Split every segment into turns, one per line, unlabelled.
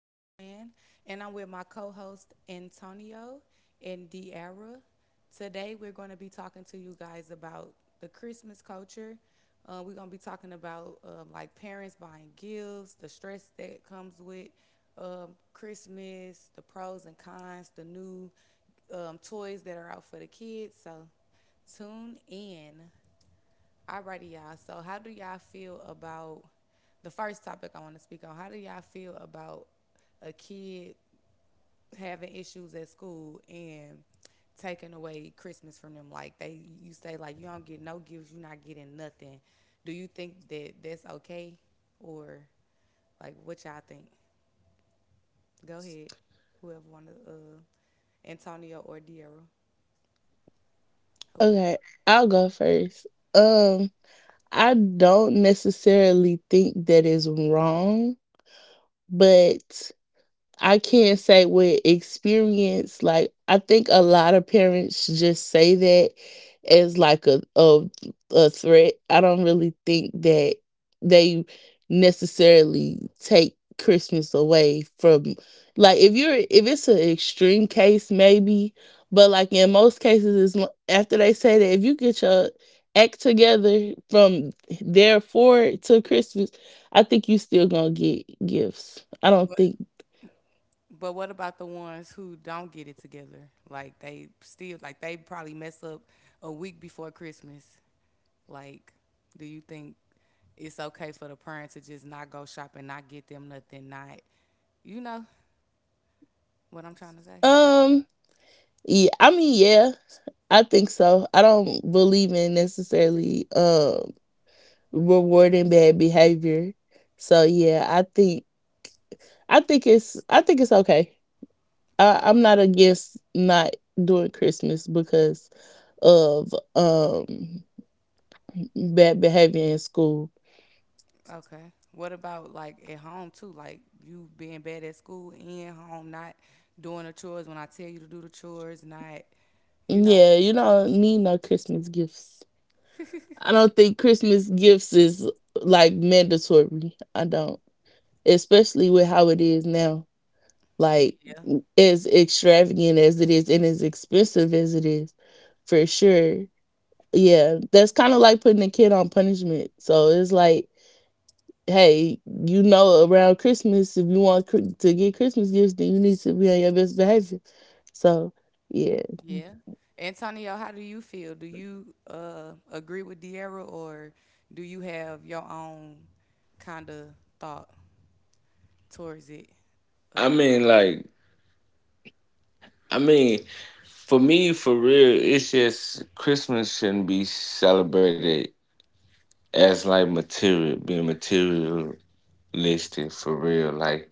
Joanne, and I'm with my co host, Antonio and Diara. Today, we're going to be talking to you guys about the Christmas culture. We're going to be talking about like parents buying gifts, the stress that comes with Christmas, the pros and cons, the new toys that are out for the kids. So, tune in. Alrighty, y'all. So, how do y'all feel about the first topic I want to speak on? How do y'all feel about a kid having issues at school and taking away Christmas from them? Like they, you say like you don't get no gifts, you're not getting nothing. Do you think that that's okay, or like what y'all think? Go ahead, whoever want to, Antonio or Diarra, whoever.
Okay, I'll go first. Um, I don't necessarily think that is wrong, but I can't say with experience. Like, I think a lot of parents just say that as like a threat. I don't really think that they necessarily take Christmas away from, like, if you're if it's an extreme case maybe, but like in most cases after they say that, if you get your act together from there forward to Christmas, I think you still gonna get gifts. I don't
But
think.
But what about the ones who don't get it together? Like they still like they probably mess up a week before Christmas. Like, do you think it's okay for the parents to just not go shopping, not get them nothing, not you know what I'm trying to say?
Um, yeah, I mean, yeah, I think so. I don't believe in necessarily rewarding bad behavior. So yeah, I think I think it's okay. I'm not against not doing Christmas because of bad behavior in school.
Okay. What about like at home too? Like you being bad at school and home, not doing the chores when I tell you to do the chores, not you know.
Yeah, you don't need no Christmas gifts. I don't think Christmas gifts is like mandatory. I don't, especially with how it is now, like,
Yeah.
as extravagant as it is and as expensive as it is, for sure. Yeah, that's kind of like putting a kid on punishment, so it's like, hey, you know, around Christmas, if you want to get Christmas gifts, then you need to be on your best behavior. So yeah.
Yeah. Antonio, how do you feel? Do you agree with De'Ara or do you have your own kind of thought towards it?
I
Uh,
mean, like, I mean, for me, for real, it's just Christmas shouldn't be celebrated as like material, being materialistic for real. Like,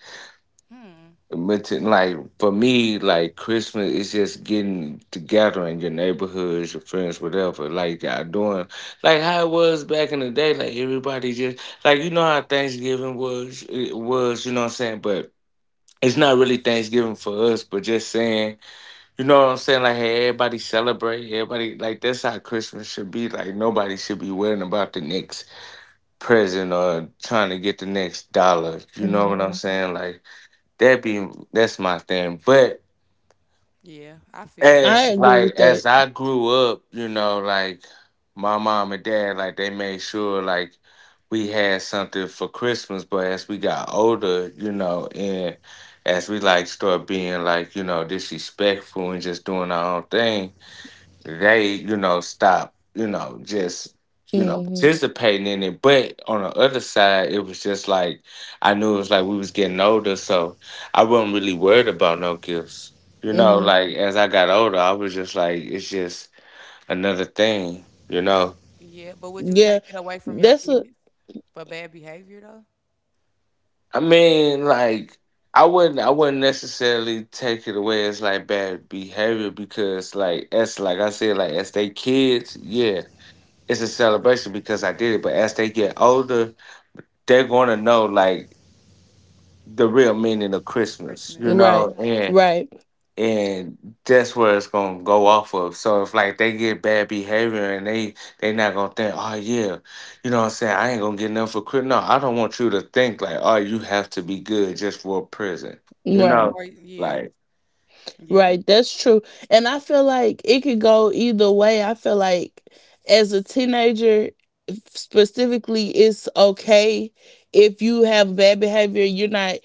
hmm.
like for me, like Christmas is just getting together in your neighborhoods, your friends, whatever. Like, y'all doing like how it was back in the day. Like everybody just like you know how Thanksgiving was, it was you know what I'm saying, but. It's not really Thanksgiving for us, but just saying, you know what I'm saying? Like, hey, everybody celebrate. Everybody, like, that's how Christmas should be. Like, nobody should be worrying about the next present or trying to get the next dollar. You know what I'm
hmm
saying? Like, that's my thing. But
Yeah, I feel that
I
too.
as,
agree
like,
with
as
that.
I grew up, you know, like, my mom and dad, like, they made sure, like, we had something for Christmas. But as we got older, you know, and as we, like, start being, like, you know, disrespectful and just doing our own thing, they, you know, stop, you know, just, you know,
hmm
participating in it. But on the other side, it was just like I knew it was like we was getting older, so I wasn't really worried about no gifts. You know,
hmm
like as I got older, I was just like, it's just another thing, you know.
Yeah, but would you
yeah,
take it away from your
that's a
kids for bad behavior though?
I mean, like, I wouldn't necessarily take it away as like bad behavior because like as like I said, like as they kids, yeah, it's a celebration because I did it. But as they get older, they're going to know like the real meaning of Christmas, you
Christmas.
right.
know, and
Right,
and that's where it's going to go off of. So if like they get bad behavior and they not going to think, oh yeah, you know what I'm saying? I ain't going to get nothing for Christmas. No, I don't want you to think like, oh, you have to be good just for a present, you know,
right.
Or yeah,
like
yeah,
Right, that's true. And I feel like it could go either way. I feel like as a teenager, specifically, it's okay. If you have bad behavior, you're not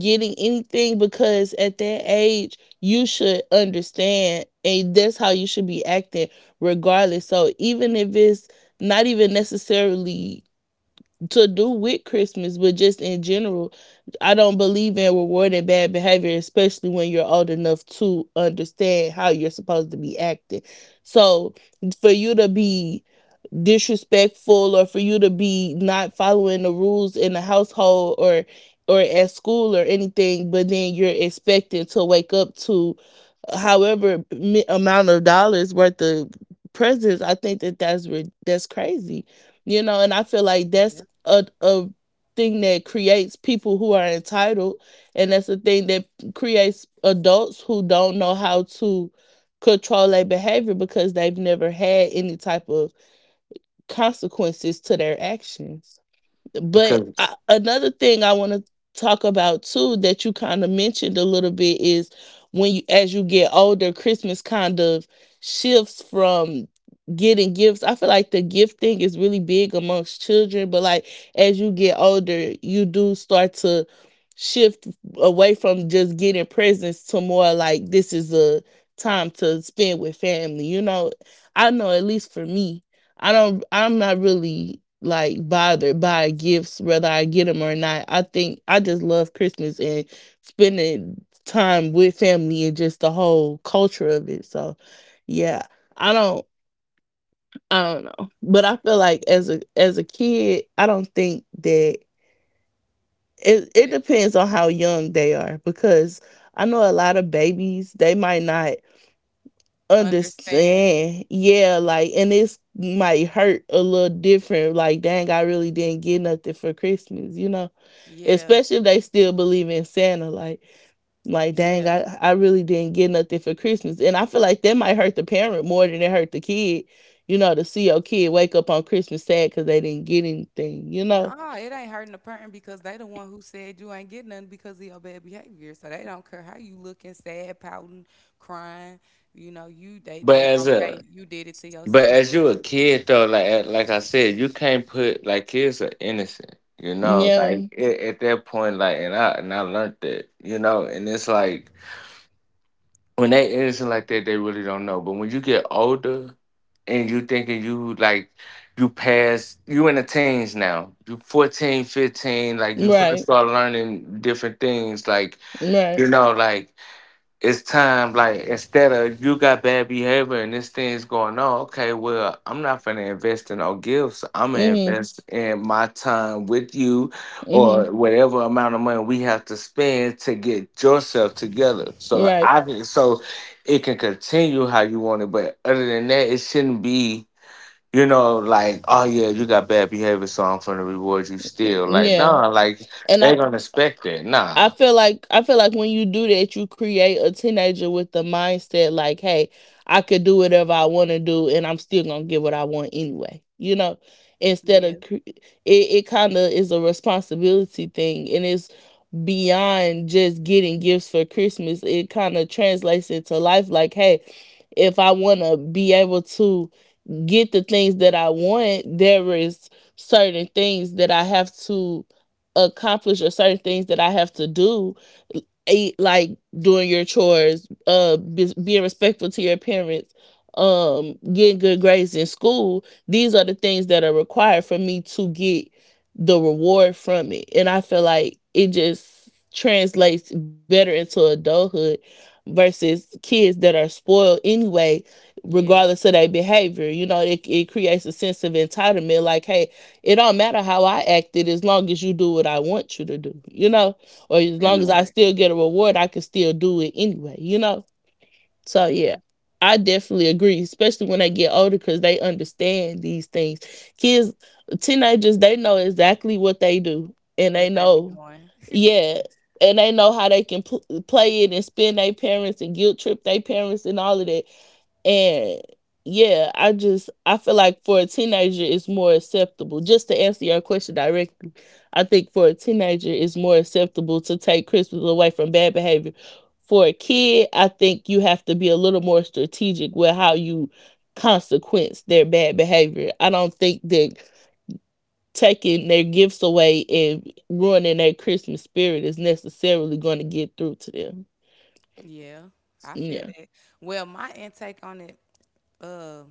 getting anything, because at that age, you should understand and that's how you should be acting regardless. So even if it's not even necessarily to do with Christmas, but just in general, I don't believe in rewarding bad behavior, especially when you're old enough to understand how you're supposed to be acting. So for you to be disrespectful, or for you to be not following the rules in the household, or at school or anything, but then you're expected to wake up to however amount of dollars worth of presents, I think that that's crazy, you know? And I feel like
yeah,
that's a thing that creates people who are entitled, and that's the thing that creates adults who don't know how to control their behavior because they've never had any type of consequences to their actions.
because.
Another thing I want to talk about too, that you kind of mentioned a little bit, is when you, as you get older, Christmas kind of shifts from getting gifts. I feel like the gift thing is really big amongst children, but like as you get older, you do start to shift away from just getting presents to more like this is a time to spend with family. You know, I know at least for me, I'm not really like bothered by gifts whether I get them or not. I think I just love Christmas and spending time with family and just the whole culture of it. So, yeah. I don't I don't know. But I feel
yeah.
like as a kid, I don't think that it
That-
depends on how young they are, because I know a lot of babies, they might not
Understand.
understand. Yeah, like, and it's might hurt a little different. Like, dang, I really didn't get nothing for Christmas, you know?
Yeah,
Especially if they still believe in Santa. Like, dang,
yeah.
I really didn't get nothing for Christmas. And I feel like that might hurt the parent more than it hurt the kid. You know, to see your kid wake up on Christmas sad because they didn't get anything, you know?
Nah, it ain't hurting the parent because they the one who said you ain't getting nothing because of your bad behavior. So they don't care how you looking, sad, pouting, crying. You know, you
But
they
as
gonna say
a
you did it to
But
yourself.
as you a kid though, like eh, like I said, you can't put like kids are innocent, you know.
Yeah.
Like at that point, like and I learned that, you know. And it's like when they innocent like that, they really don't know. But when you get older and you thinking you like you pass, you in the teens now. You 14, 15, like you finna
Right.
start learning different things, like you
Right.
know, like it's time like instead of you got bad behavior and this thing's going on, okay, well, I'm not gonna invest in no gifts, I'm gonna
Mm-hmm.
invest in my time with you
Mm-hmm.
or whatever amount of money we have to spend to get yourself together, so
Right.
I think so it can continue how you want it, but other than that it shouldn't be, you know, like, oh yeah, you got bad behavior so I'm gonna reward you still, like
Yeah.
nah, like
And
they're gonna expect that,
I
nah.
feel like, I feel like when you do that, you create a teenager with the mindset like, "Hey, I could do whatever I want to do, and I'm still gonna get what I want anyway." You know, instead
Yeah,
of it kind of is a responsibility thing, and it's beyond just getting gifts for Christmas. It kind of translates into life, like, "Hey, if I want to be able to get the things that I want, there is certain things that I have to accomplish, or certain things that I have to do, like doing your chores, being respectful to your parents, getting good grades in school. These are the things that are required for me to get the reward from it," and I feel like it just translates better into adulthood versus kids that are spoiled anyway
yeah,
regardless of their behavior. You know, it creates a sense of entitlement. Like, hey, it don't matter how I acted as long as you do what I want you to do, you know, or as
that
long as
Yeah.
I
part.
still get a reward, I can still do it anyway, you know? So,
Yeah,
yeah. I definitely agree, especially when they get older, because they understand these things. Kids, teenagers, they know exactly what they do and they
what they be
know,
doing.
yeah, and they know how they can play it and spin their parents and guilt trip their parents and all of that, and yeah, I feel like for a teenager it's more acceptable. Just to answer your question directly, I think for a teenager it's more acceptable to take Christmas away from bad behavior. For a kid, I think you have to be a little more strategic with how you consequence their bad behavior. I don't think that taking their gifts away and ruining their Christmas spirit is necessarily going to get through to them.
Yeah, I feel
Yeah.
that. Well, my intake on it. Uh,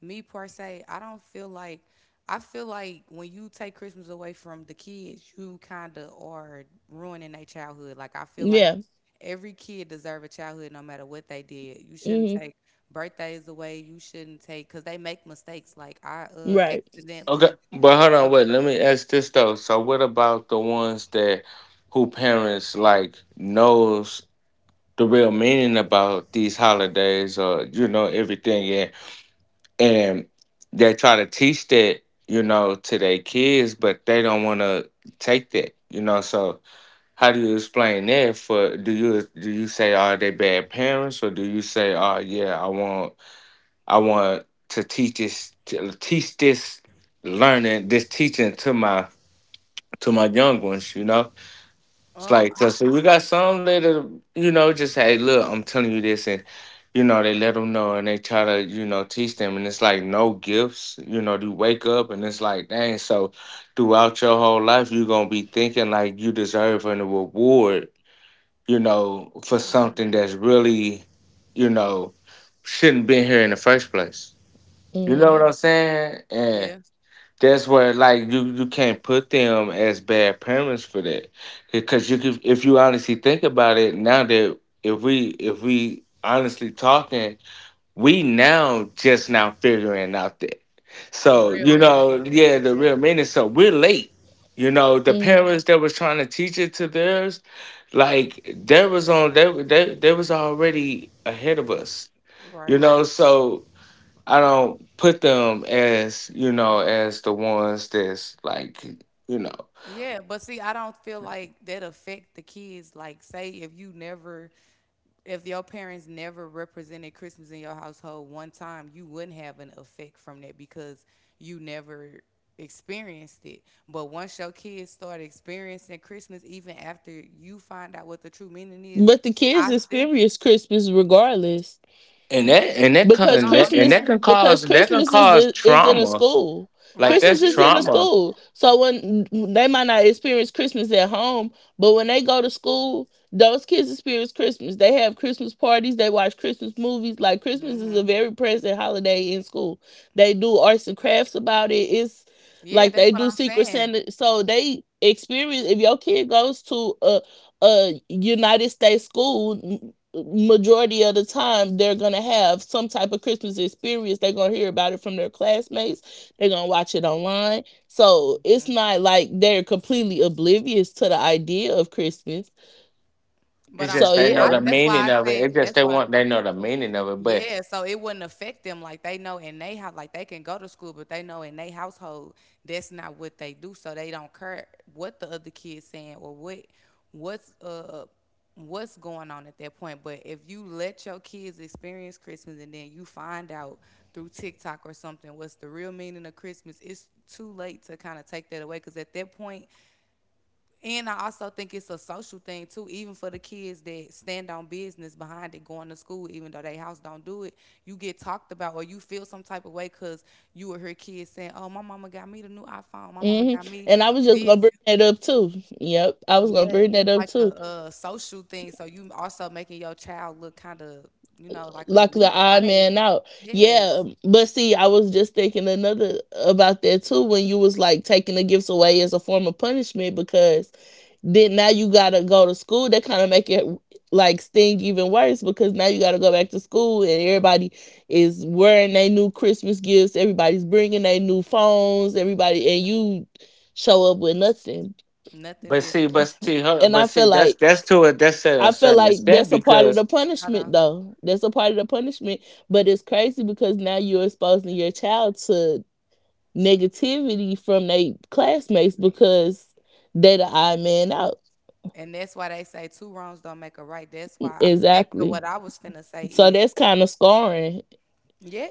me per se, I don't feel like I feel like when you take Christmas away from the kids, you kind of are ruining their childhood. Like I feel like
Yeah.
every kid deserve a childhood no matter what they did. You shouldn't
hmm
take birthdays away. You shouldn't take cuz they make mistakes. Like I
Right.
Okay,
accidentally
but hold on, wait. Let me ask this though. So, what about the ones that who parents like knows the real meaning about these holidays or you know everything, and they try to teach that, you know, to their kids, but they don't want to take that, you know. So, how do you explain that? For do you say are they bad parents, or do you say, oh yeah, I want to teach this learning, this teaching to my young ones, you know? It's like
I
cause we got some that, you know, just hey look, I'm telling you this and you know, they let them know and they try to, you know, teach them and it's like no gifts, you know, you wake up and it's like, dang, so throughout your whole life you're gonna be thinking like you deserve a reward, you know, for
mhm.
something that's really, you know, shouldn't been here in the first place. You know
Mm-hmm.
what
Yeah,
I'm saying? And
yeah.
that's where like you can't put them as bad parents for that. Because you could if you honestly think about it, now that if we honestly talking, we now just now figuring out that.
The
So,
real
you
meaning of
know,
the
yeah,
Christmas,
the
yeah.
real meaning. So we're late. You know, the
Mm-hmm.
parents that was trying to teach it to theirs, like they was on they was already ahead of us. You
Right.
know, so I don't put them as you know as the ones that's like you know,
Yeah, but see, I don't feel like that affect the kids. Like, say if you never if your parents never represented Christmas in your household one time, you wouldn't have an effect from that because you never experienced it. But once your kids start experiencing Christmas, even after you find out what the true meaning is,
But the kids
I still
experience Christmas regardless, because
no, I'm
and
Christmas,
that
saying
can
because
cause that can cause
Is in a
trauma.
school.
Like
right,
Christmas
that's
it
is
is.
in a
trauma.
school, so when they might not experience Christmas at home, but when they go to school, those kids experience Christmas. They have Christmas parties. They watch Christmas movies. Like, Christmas is a
Mm-hmm.
very present holiday in school. They do arts and crafts about it. It's
Yeah,
like
that's
they
what
do
I'm
Secret
saying.
Santa. So they experience. If your kid goes to a United States school, majority of the time they're going to have some type of Christmas experience. They're going to hear about it from their classmates. They're going to watch it online. So it's
Hmm.
not like they're completely oblivious to the idea of Christmas.
It's
But I'm
So
just they
saying
know
I
yeah.
the
that's
meaning
why I
of it.
said
It's just
that's
they
why.
want they know the meaning of it. But
Yeah, so it wouldn't affect them. Like they know in they house, like they can go to school, but they know in their household that's not what they do. So they don't care what the other kids saying or what what's uh what's going on at that point. But if you let your kids experience Christmas and then you find out through TikTok or something what's the real meaning of Christmas, it's too late to kind of take that away. Because at that point, and I also think it's a social thing too, even for the kids that stand on business behind it, going to school, even though they house don't do it. You get talked about, or you feel some type of way because you will hear kids saying, "Oh, my mama got me the new iPhone. My mama
hmm
got me
and I was just
this."
going to bring that up too. Yep, I was going to
Yeah,
bring that
that's
up
like a,
too.
social thing. So you also making your child look kind of, you know, like a
Like the
lead
odd
lame.
man out.
Yeah,
Yeah, but see, I was just thinking another about that too, when you was like taking the gifts away as a form of punishment, because then now you gotta go to school. That kind of make it like sting even worse, because now you gotta go back to school and everybody is wearing their new Christmas gifts. Everybody's bringing their new phones. Everybody, and you show up with nothing.
nothing
but see
different.
but see her
And I
but see
feel
that's
like,
that's to a that's to
I
a
feel
certain
like that's
extent
a part of the
because
Hold
punishment
on,
though. That's a part of the punishment. But it's crazy because now you're exposing your child to negativity from their classmates
mates.
because they the odd man out.
And that's why they say two wrongs don't make a right. That's why back to
Exactly.
what I was finna say
So
is,
that's kind of scarring.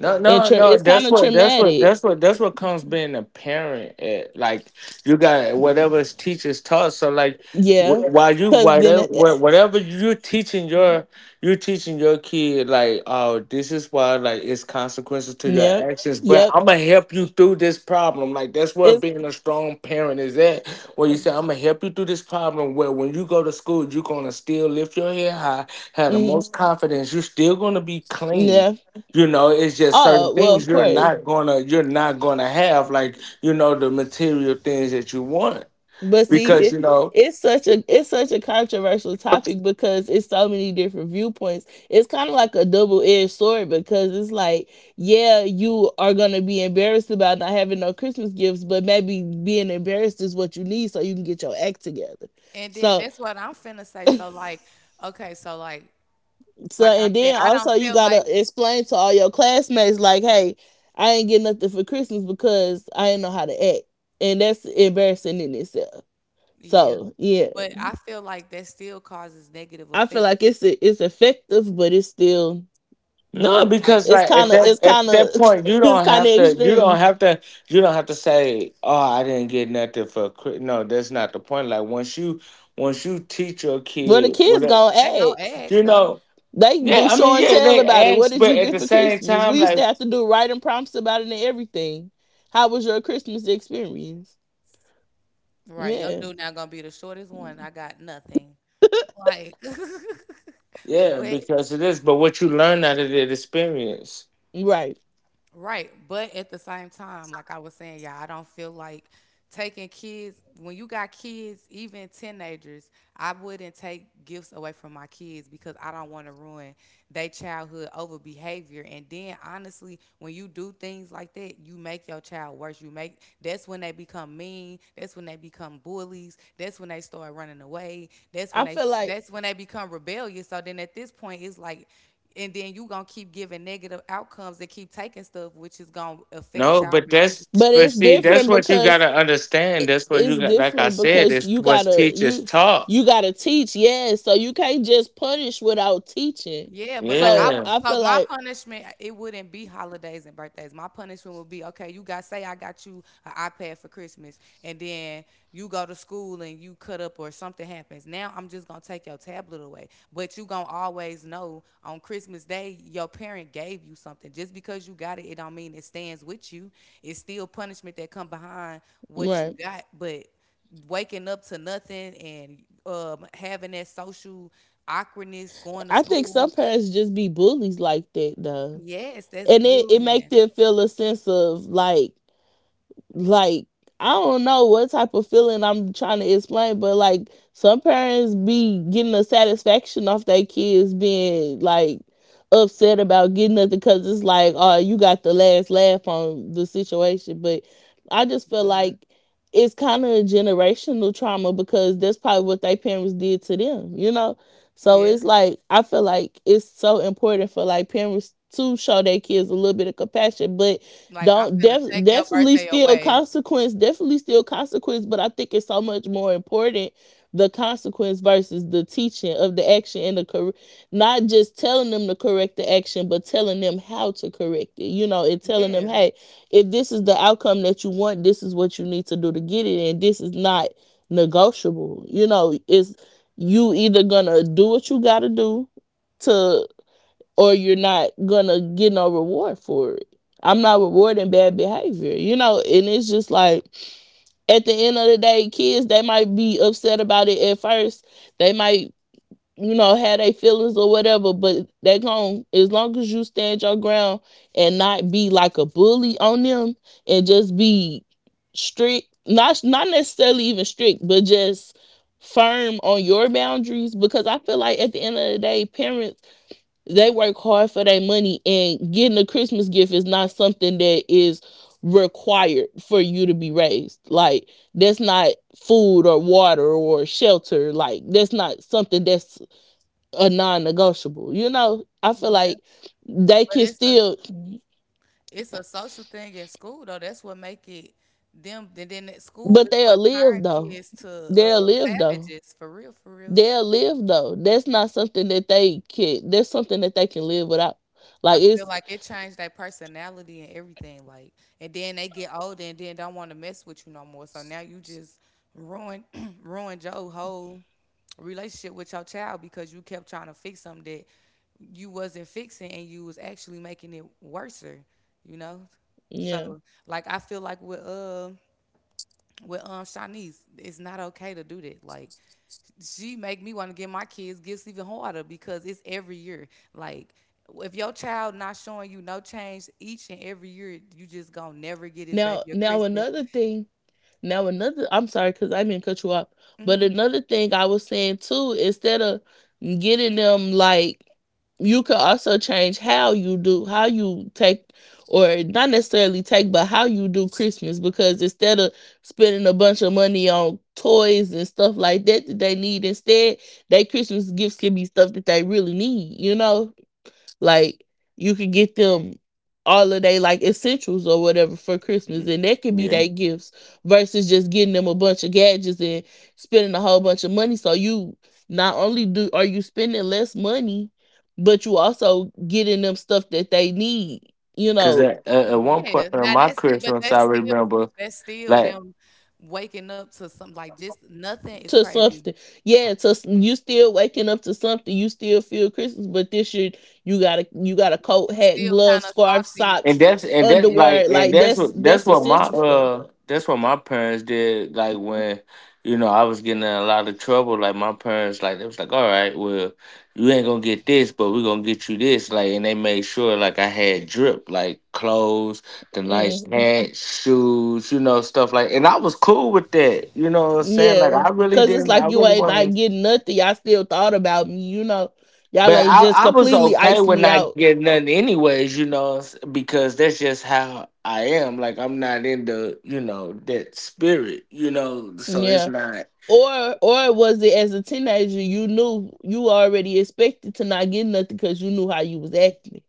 no, no, no.
It's kind
That's
of
what. That's what.
traumatic.
That's what. That's what comes being a parent. At. Like you got whatever teachers taught. So like,
Yeah.
yeah. While you,
Cause then,
whatever
eh, eh,
whatever you're teaching your, kid like, oh, this is why like it's consequences to your
Yep,
actions. But
yep.
I'm gonna help you through this problem. Like that's where
It's
being a strong parent is at. Where you say I'm gonna help you through this problem. Where when you go to school, you're gonna still lift your head high, have the
mm,
most confidence. You're still gonna be clean,
yeah.
you know, it's just certain
Oh well,
things
of
you're
course.
not gonna you're not gonna have, like, you know, the material things that you want
But see,
because
it,
you know.
it's such a, it's such a controversial topic, because it's so many different viewpoints. It's kind of like a double edged sword, because it's like, yeah, you are gonna be embarrassed about not having no Christmas gifts, but maybe being embarrassed is what you need so you can get your act together.
And then
So.
that's what I'm finna say. So like, okay, so
So
like I
and
said,
then
I don't
also you
feel like
gotta explain to all your classmates like, hey, I ain't get nothing for Christmas because I ain't know how to act, and that's embarrassing in itself.
yeah,
So yeah,
but I feel like that still causes negative
I feel
effects.
like it's effective, but it's still,
No,
Like
because
it's
like
or
at
kind of,
like
that
it's
at
kind
that
of
point
it's kind of extreme.
you don't have to say, oh, I didn't get nothing for Chri-" no, that's not the point, like once you teach your
Well, the
kids
kids
whatever,
gonna
they gonna
ask.
eggs
you
though.
know,
They
yeah,
do
I
show
mean,
and
yeah,
tell
they
about it. What
ask
did
but
you
at
get
the
for
same
Christmas?
time
We used to
like,
have to do writing prompts about it and everything. How was your Christmas experience?
Right, your
Yeah,
dude not gonna be the shortest one.
Mm,
I got nothing. Like
yeah,
what?
because it is, but what you learn out of that experience.
right.
Right. But at the same time, like I was saying, yeah, I don't feel like taking kids when you got kids, even teenagers, I wouldn't take gifts away from my kids because I don't want to ruin their childhood over behavior. And then honestly, when you do things like that, you make your child worse. You make that's when they become mean. That's when they become bullies. That's when they start running away.
I feel like,
That's when they become rebellious. So then at this point, it's like and then you gonna keep giving negative outcomes and keep taking stuff which is gonna affect
No,
your
but that's
relationship.
but
but
it's
see, that's
different
what you
because
gotta understand. That's what
it's
you got. Like I
different
said,
because
it's
you
what
gotta,
teachers
you
taught.
you gotta teach, yes. So you can't just punish without teaching.
Yeah, but like I
So
would,
Yeah,
I
so
feel
my
like
punishment it wouldn't be holidays and birthdays. My punishment would be okay. You got say I got you an iPad for Christmas, and then you go to school and you cut up or something happens. Now I'm just gonna take your tablet away, but you gonna always know on Christmas Day your parent gave you something. Just because you got it, it don't mean it stands with you. It's still punishment that come behind what you
right.
got, but waking up to nothing and having that social awkwardness, going to
I think some
school.
parents just be bullies like that though.
Yes, that's
And it make
bullying.
them feel a sense of like, I don't know what type of feeling I'm trying to explain, but like some parents be getting a satisfaction off their kids being like upset about getting nothing, because it's like, oh, you got the last laugh on the situation. But I just feel
Mhm.
like it's kind of a generational trauma, because that's probably what their parents did to them, you know? So
Yeah,
it's like, I feel like it's so important for like parents to show their kids a little bit of compassion, but
like, "I'm
don't
finna
def-
take your birthday away."
definitely still consequence, but I think it's so much more important the consequence versus the teaching of the action not just telling them to correct the action, but telling them how to correct it. You know, and telling them,
Yeah,
hey, if this is the outcome that you want, this is what you need to do to get it, and this is not negotiable. You know, it's you either gonna do what you gotta do to or you're not gonna get no reward for it. I'm not rewarding bad behavior, you know, and it's just like at the end of the day, kids they might be upset about it at first. They might, you know, have their feelings or whatever, but they gon' as long as you stand your ground and not be like a bully on them and just be strict, not necessarily even strict, but just firm on your boundaries because I feel like at the end of the day, parents they work hard for their money, and getting a Christmas gift is not something that is required for you to be raised. Like that's not food or water or shelter, like that's not something that's a non-negotiable. You know, I feel
yeah,
like they
but
can
it's a
still,
social thing in school, though, that's what make it them and then at school
but
is
they'll
what turn
live though,
kids to,
they'll live though,
savages, for real, for real.
they'll live though. That's not something that they can that's something that they can live without.
I
Like
feel
it's,
like it changed their personality and everything. Like, and then they get older and then don't want to mess with you no more. So now you just ruin ruined your whole relationship with your child because you kept trying to fix something that you wasn't fixing and you was actually making it worser. You know.
yeah.
So like I feel like with Shanice, it's not okay to do that. Like she make me want to give my kids gifts even harder because it's every year. Like if your child not showing you no change each and every year, you just gonna never get his
now
baby a
now
Christmas.
another thing, now another, I'm sorry cuz I didn't cut you off. But
Hmm.
another thing I was saying too, instead of getting them like, you could also change how you do, how you take or not necessarily take but how you do Christmas, because instead of spending a bunch of money on toys and stuff like that that they need, instead their Christmas gifts can be stuff that they really need, you know, like you could get them all of their like essentials or whatever for Christmas, and that could be
yeah.
their gifts versus just getting them a bunch of gadgets and spending a whole bunch of money. So you, not only do are you spending less money, but you also getting them stuff that they need. You
Because
know,
at one point
Yeah,
in
now
my
that's it, but
Christmas, I
that's still
remember like.
them waking up to something like just nothing is
to
crazy,
something. Yeah, to you still waking up to something. You still feel Christmas, but this year you got a, you got a
but
coat,
you
hat,
still kind
gloves,
of
scarf,
salty.
socks,
And
Yeah.
that's like
underwear.
and
Like
that's
that's
what that's
that's
what my
essential stuff.
uh that's what my parents did like when, you know, I was getting in a lot of trouble, like my parents, like they was like, all right, well, you ain't gonna get this but we gonna get you this, like, and they made sure like I had drip, like clothes, the nice
hmm
hats, shoes, you know, stuff like, and I was cool with that, you know what I'm saying, like
Yeah,
I really
cause it's
didn't, I
like you
really
ain't not
wasn't
getting nothing. Y'all still thought about me, you know. Y'all
but
ain't
I,
just
I was
completely
okay
iced
with
me
not
out.
getting nothing anyways, you know, s- because that's just how I am. Like I'm not in the, you know, that spirit, you know, so it's
Yeah.
not.
Or was it as a teenager you knew you already expected to not get nothing because you knew how you was acting.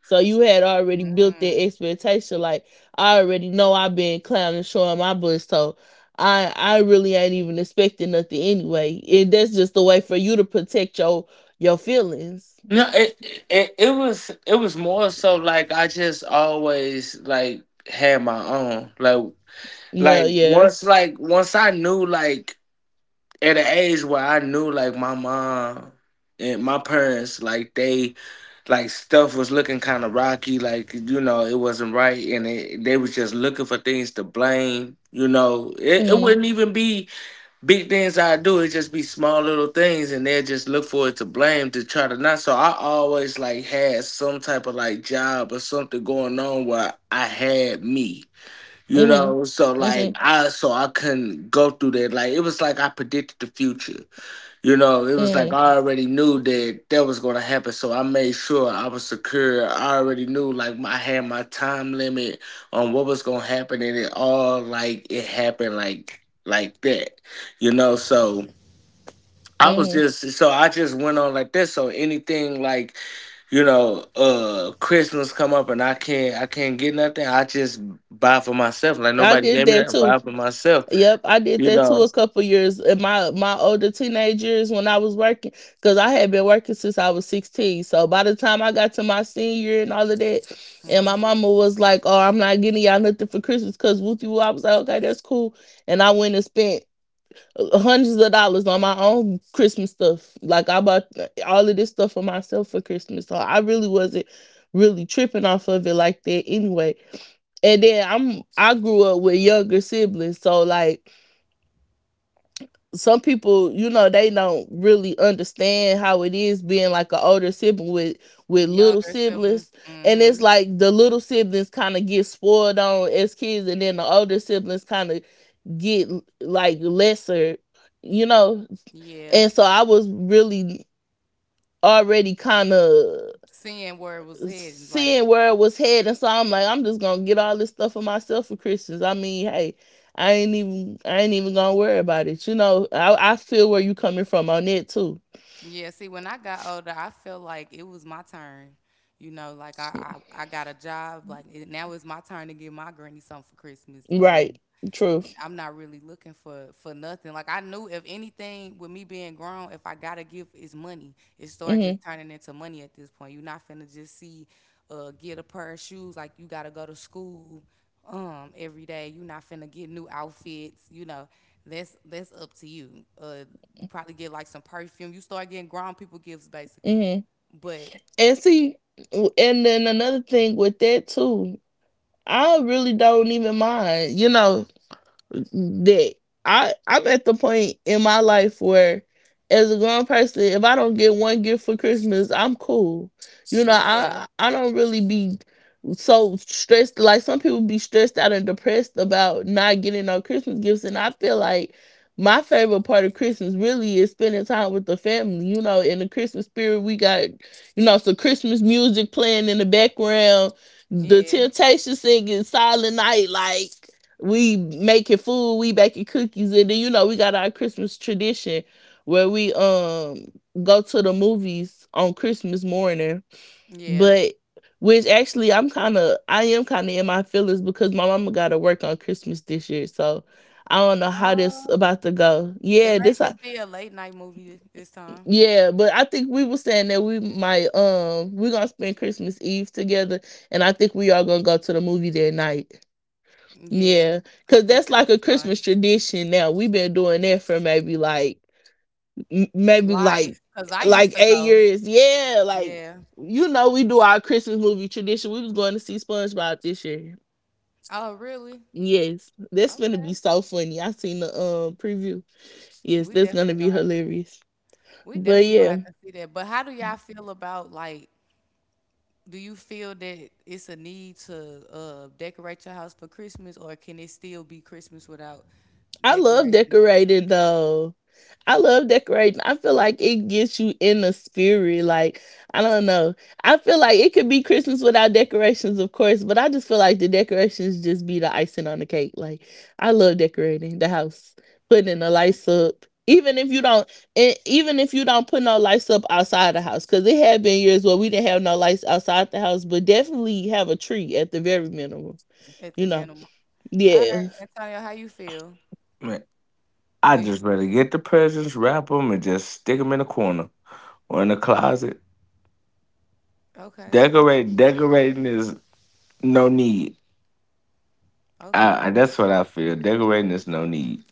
So you had already built that expectation. Like I already know I've been clowning, showing my bush, so I really ain't even expecting nothing anyway. And that's just a way for you to protect your feelings.
No, it was more so like I just always like had my own. Like
Well,
like
yeah.
once like once I knew, like at an age where I knew, like my mom and my parents, like they like stuff was looking kind of rocky, like you know it wasn't right, and it, they was just looking for things to blame. You know, it
Mm.
wouldn't even be big things I do; it just be small little things, and they just look for it to blame to try to not. So I always like had some type of like job or something going on where I had me. You
Mhm.
know, so like
Mhm.
I, so I couldn't go through that. Like it was like I predicted the future. You know, it was like
Mhm.
I already knew that that was gonna happen. So I made sure I was secure. I already knew like I had my time limit on what was gonna happen, and it all like it happened like that. You know, so I was
Mhm.
just, so I just went on like this. So anything like, you know, uh, Christmas come up and I can't, I can't get nothing. I just buy for myself. Like
I
nobody
did
gave me
that
that. I
too.
buy for myself.
Yep, I did
You
that too
know,
a couple years in my older teenage years when I was working because I had been working since I was 16. So by the time I got to my senior year and all of that, and my
Hmm.
mama was like, "Oh, I'm not getting y'all nothing for Christmas because with you," I was like, "Okay, that's cool," and I went and spent hundreds of dollars on my own Christmas stuff. Like I bought all of this stuff for myself for Christmas. So I really wasn't really tripping off of it like that anyway. And then I grew up with younger siblings, so like some people, you know, they don't really understand how it is being like an older sibling with little
Younger siblings.
siblings, and
Hmm.
it's like the little siblings kind of get spoiled on as kids, and then the older siblings kind of get like lesser, you know.
Yeah.
And so I was really already kind of
Seeing where it was heading, like
seeing where it was heading. So I'm like, I'm just gonna get all this stuff for myself for Christmas. I mean, hey, I ain't even gonna worry about it. You know, I feel where you coming from on that too.
Yeah, see, when I got older, I felt like it was my turn. You know, like I got a job. Like it, now it's my turn to give my granny something for Christmas. Ugh.
Right. Truth.
I'm not really looking for nothing. Like I knew if anything with me being grown, if I gotta give is money. It started
Mm-hmm.
just turning into money at this point. You're not finna just see get a pair of shoes like you gotta go to school every day. You're not finna get new outfits, you know. That's up to you. You probably get like some perfume. You start getting grown people gifts basically.
Mm-hmm.
But
And see, and then another thing with that too, I really don't even mind. You know, that I'm at the point in my life where as a grown person, if I don't get one gift for Christmas, I'm cool. You know,
yeah,
I don't really be so stressed, like some people be stressed out and depressed about not getting no Christmas gifts, and I feel like my favorite part of Christmas really is spending time with the family. You know, in the Christmas spirit we got, you know, some Christmas music playing in the background, the
yeah,
Temptations singing Silent Night, like we making food, we baking cookies, and then you know we got our Christmas tradition where we go to the movies on Christmas morning.
yeah.
But which actually I am kind of in my feelings because my mama got to work on Christmas this year, so I don't know how this
Uh,
about to go.
it
Yeah,
might just be a late night movie this time.
yeah, but I think we were saying that we might we're gonna spend Christmas Eve together, and I think we are gonna go to the movie that night.
Yeah,
Yeah,
I
because
think
that's
that'll
like a
be fun.
Christmas tradition now. We've been doing that for maybe like, m- maybe
Life, because I used
like
to
eight
go.
years. Yeah, like,
Yeah.
you know, we do our Christmas movie tradition. We was going to see SpongeBob this year.
Oh, really?
Yes, that's gonna be
Okay.
so funny. I seen the preview. Yes,
We
that's gonna
definitely
be
gonna have to.
hilarious.
We
But
definitely gonna
yeah.
have to see that. But how do y'all feel about like? Do you feel that it's a need to decorate your house for Christmas, or can it still be Christmas without
I love
decorations?
decorating though. I love decorating. I feel like it gets you in the spirit. Like, I don't know. I feel like it could be Christmas without decorations, of course, but I just feel like the decorations just be the icing on the cake. Like, I love decorating the house, putting in the
Yeah.
lights up. Even if you don't, and even if you don't put no lights up outside the house, because it had been years where we didn't have no lights outside the house, but definitely have a tree at the very minimum.
At the
You know,
minimum. All right,
yeah,
Antonio, how you feel?
man, I
Do you?
just rather get the presents, wrap them, and just stick them in a corner or in a closet.
Okay. Okay.
Decorating is no need.
Okay.
I that's what I feel. Decorating is no need.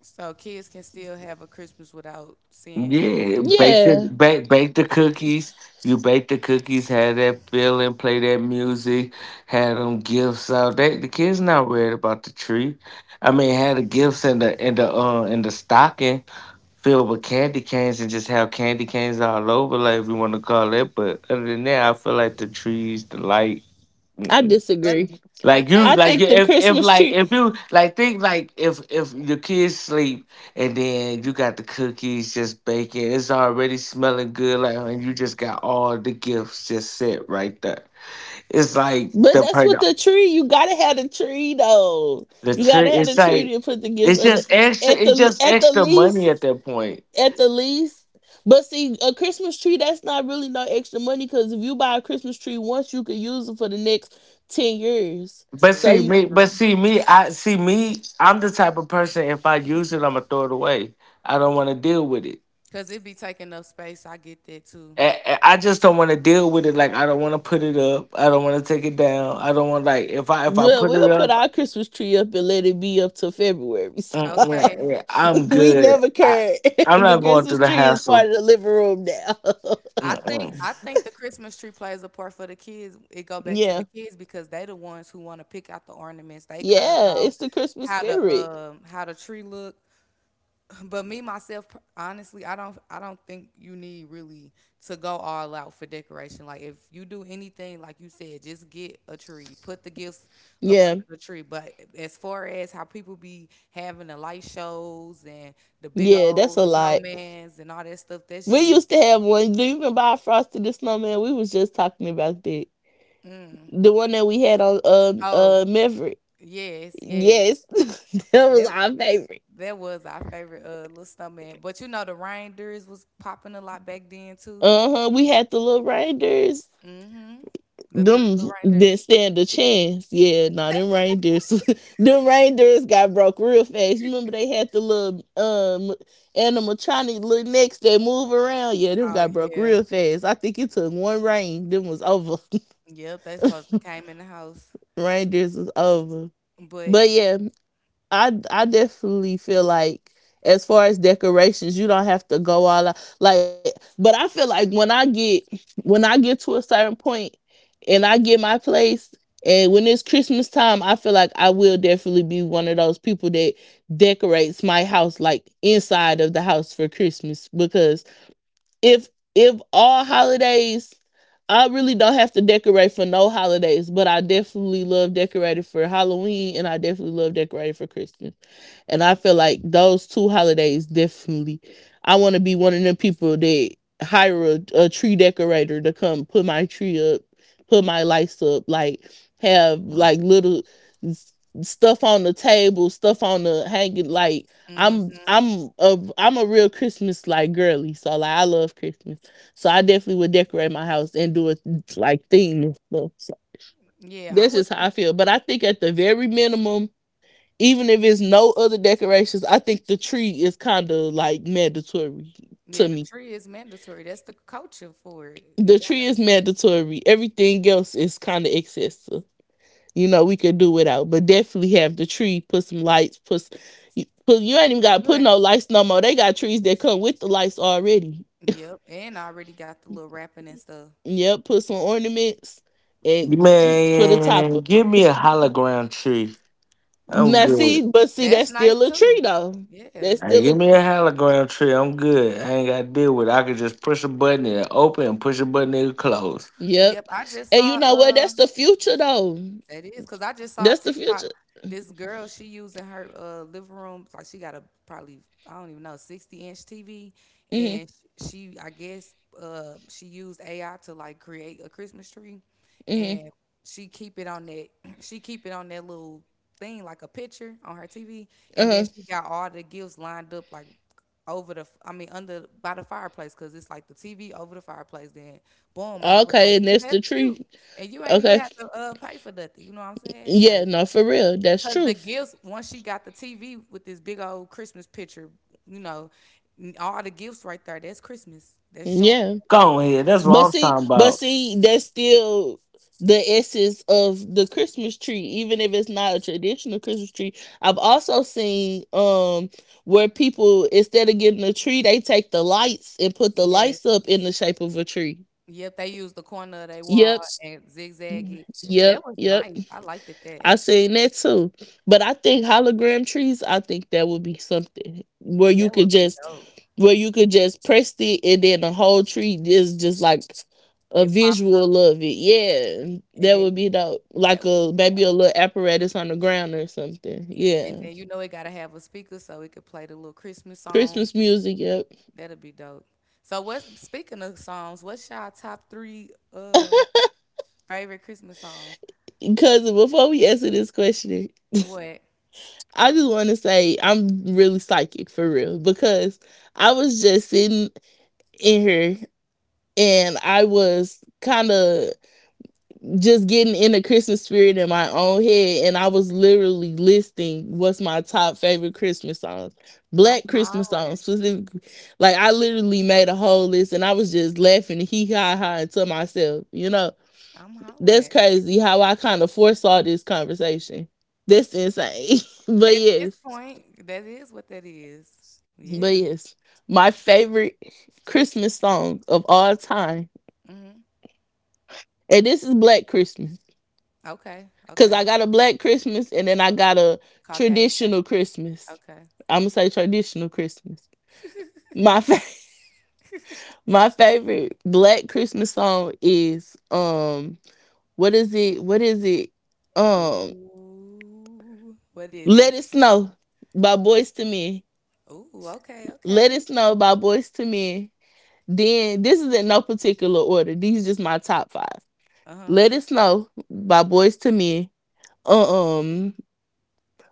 So kids can still have a Christmas without seeing
Yeah,
a
bake
Christmas
the
yeah.
stuff.
bake, bake the cookies. You bake the cookies, have that feeling, play that music, have them gifts out. That the kids not worried about the tree. I mean, have the gifts in the stocking filled with candy canes and just have candy canes all over, like if you want to call it. But other than that, I feel like the trees, the light.
I
Mm-mm.
But
disagree.
but
I
they
Like
think
you,
the
if
Christmas
like
tree,
if you like think like if your kids sleep and then you got the cookies just baking, it's already smelling good. Like and you just got all the gifts just set right there. It's like
but
the
that's
part
what the tree. You gotta have the tree though.
the
to
You gotta
put
trick.
the
have the
It's
gifts.
tree
like
to put the gifts
it's
under.
just extra.
At
It's
the,
just
at the
extra money at
least,
that point.
at the least. But see, a Christmas tree, that's not really no extra money because if you buy a Christmas tree once, you can use it for the next 10 years.
But
So
True,
see
you,
me, but
true.
see me, I see me. I'm the type of person. If I use it, I'ma throw it away. I don't want to deal with it.
Cause it be taking up space. I get that too.
I just don't want to deal with it. Like I don't want to put it up. I don't want to take it down. I don't want, like if I
well,
put it
we'll put
up,
our Christmas tree up and let it be up to February.
Okay.
mm-mm, yeah,
So
I'm
we
good.
never care.
I'm
The
not going through
Christmas
the
tree is part
hassle.
of the living room now.
Mm-mm.
I think the Christmas tree plays a part for the kids. It go back to the
Yeah,
kids because they the ones who want to pick out the ornaments. They care
yeah,
about
it's the Christmas spirit.
how the tree look. But me myself, honestly, I don't think you need really to go all out for decoration. Like if you do anything, like you said, just get a tree, put the gifts up under
Yeah,
the tree. But as far as how people be having the light shows and the big
yeah, that's
old
a lot.
snowmans and all that stuff, that's
We
just
used to have one. Do you remember our Frosty the Snowman? We was just talking about that.
mm.
The one that we had on
Oh
Maverick.
yes, yes.
Yes, that was
That
our favorite.
that was our favorite little snowman. But you know the reindeers was popping a lot back then too.
Uh huh. We had the little reindeers.
Mm-hmm. The three
Them
little reindeers.
didn't stand a chance. Yeah, nah, them reindeers. Them reindeers got broke real fast. You remember they had the little animatronic little necks that move around. Yeah, them
Oh,
got broke
yeah.
real fast. I think it took one rain. Them was over.
Yep, they supposed to came in the house.
Rangers is over.
But
But yeah, I definitely feel like as far as decorations, you don't have to go all out. Like, but I feel like when I get, when I get to a certain point and I get my place and when it's Christmas time, I feel like I will definitely be one of those people that decorates my house like inside of the house for Christmas because if if all holidays I really don't have to decorate for no holidays, but I definitely love decorating for Halloween and I definitely love decorating for Christmas. And I feel
yeah.
like those two holidays definitely. I want to be one of them people that hire a tree decorator to come put my tree up, put my lights up, like have
No.
like little stuff on the table, stuff on the hanging. Like
hmm
I'm a real Christmas like girly. So like I love Christmas. So I definitely would decorate my house and do a like theme and stuff. So
Yeah, I'm
that's
with
just how
the
I feel. But I think at the very minimum, even if it's no other decorations, I think the tree is kind of like mandatory
yeah,
to
the
me.
tree is mandatory. That's the culture for it. You
The tree
gotta
is mandatory. Everything else is kind of excessive. You know, we could do without, but definitely have the tree. Put some lights. Put, you ain't even got to
you
put
ain't,
no lights no more. They got trees that come with the lights already.
yep, and I already got the little rapping and stuff.
Yep. Put some ornaments and put a
Man,
topper.
give me a hologram tree. I'm
Now
good.
see, but see,
That's
that's
nice
still a
too.
tree though.
Yeah,
That's
Hey,
that's
still a.
give me a hologram tree. I'm good. I ain't got to deal with it. I could just push a button and it'll open, and push a button and it'll close.
yep.
Yep.
I just
And
saw
you know what? That's the future though.
That is because I just saw a
That's the
TikTok.
future.
This girl, she using her living room, like she got a probably, I don't even know, 60 inch TV,
Mhm.
and she, I guess, she used AI to like create a Christmas tree,
Mhm.
and she keep it on that she keep it on that little thing like a picture on her TV,
Uh
and
huh.
then she got all the gifts lined up like over I mean, under by the fireplace, cause it's like the TV over the fireplace. Then boom, and I was
Okay,
like,
and
see,
that's the
that's
tree.
cute, and you ain't
Okay.
even have to pay for nothing. You know what I'm saying?
Yeah.
Like,
No, for real. That's
cause the
truth.
gifts, once she got the TV with this big old Christmas picture, you know, all the gifts right there. That's Christmas. That's showing.
Yeah.
Go on here. That's what
But
I'm
see,
talking
but
about.
see, that's still the essence of the Christmas tree, even if it's not a traditional Christmas tree. I've also seen where people, instead of getting a tree, they take the lights and put the lights
Yes.
up in the shape of a tree.
Yep. They used the corner of their wall
Yep.
and zigzag it.
Yep.
That was
Yep.
nice. I liked it.
I seen that too. But I think hologram trees, I think that would be something where you
That
could
would be
just
dope.
where you could just press it, and then the whole tree is just like a
It pops
visual
up
of it. Yeah. That
and
would be
then
dope. Like
that would
a maybe a little apparatus on the ground or something.
And
Yeah.
then you know it gotta have a speaker so it could play the little Christmas
Christmas
songs.
music, yep.
That'll be dope. So what's speaking of songs, what's y'all top three favorite Christmas songs?
Cousin, before we answer this question,
What?
I just wanna say I'm really psychic for real because I was just sitting in here and I was kind of just getting in the Christmas spirit in my own head, and I was literally listing what's my top favorite Christmas songs, Black
I'm
Christmas songs
hollering.
specifically. Like, I literally made a whole list, and I was just laughing hee ha ha to myself. You know,
I'm
that's
hollering.
crazy how I kind of foresaw this conversation. That's insane. but
At this
yes,
point, that is what that is.
but
Yeah.
yes, my favorite Christmas song of all time,
hmm
and this is Black Christmas.
Okay.
Cause I
Okay.
got a black Christmas and then I got a
Caucasian.
traditional Christmas.
Okay.
I'm gonna say traditional Christmas. My fa- my favorite black Christmas song is what is it? What is it? Um
Ooh. What is
Let
it?
It Snow by Boys to Men.
Ooh. Okay.
Let It
Okay.
Snow by Boys to Men. Then, this is in no particular order. These just my top five.
Uh huh.
Let It Snow by Boys to Men. Uh, Um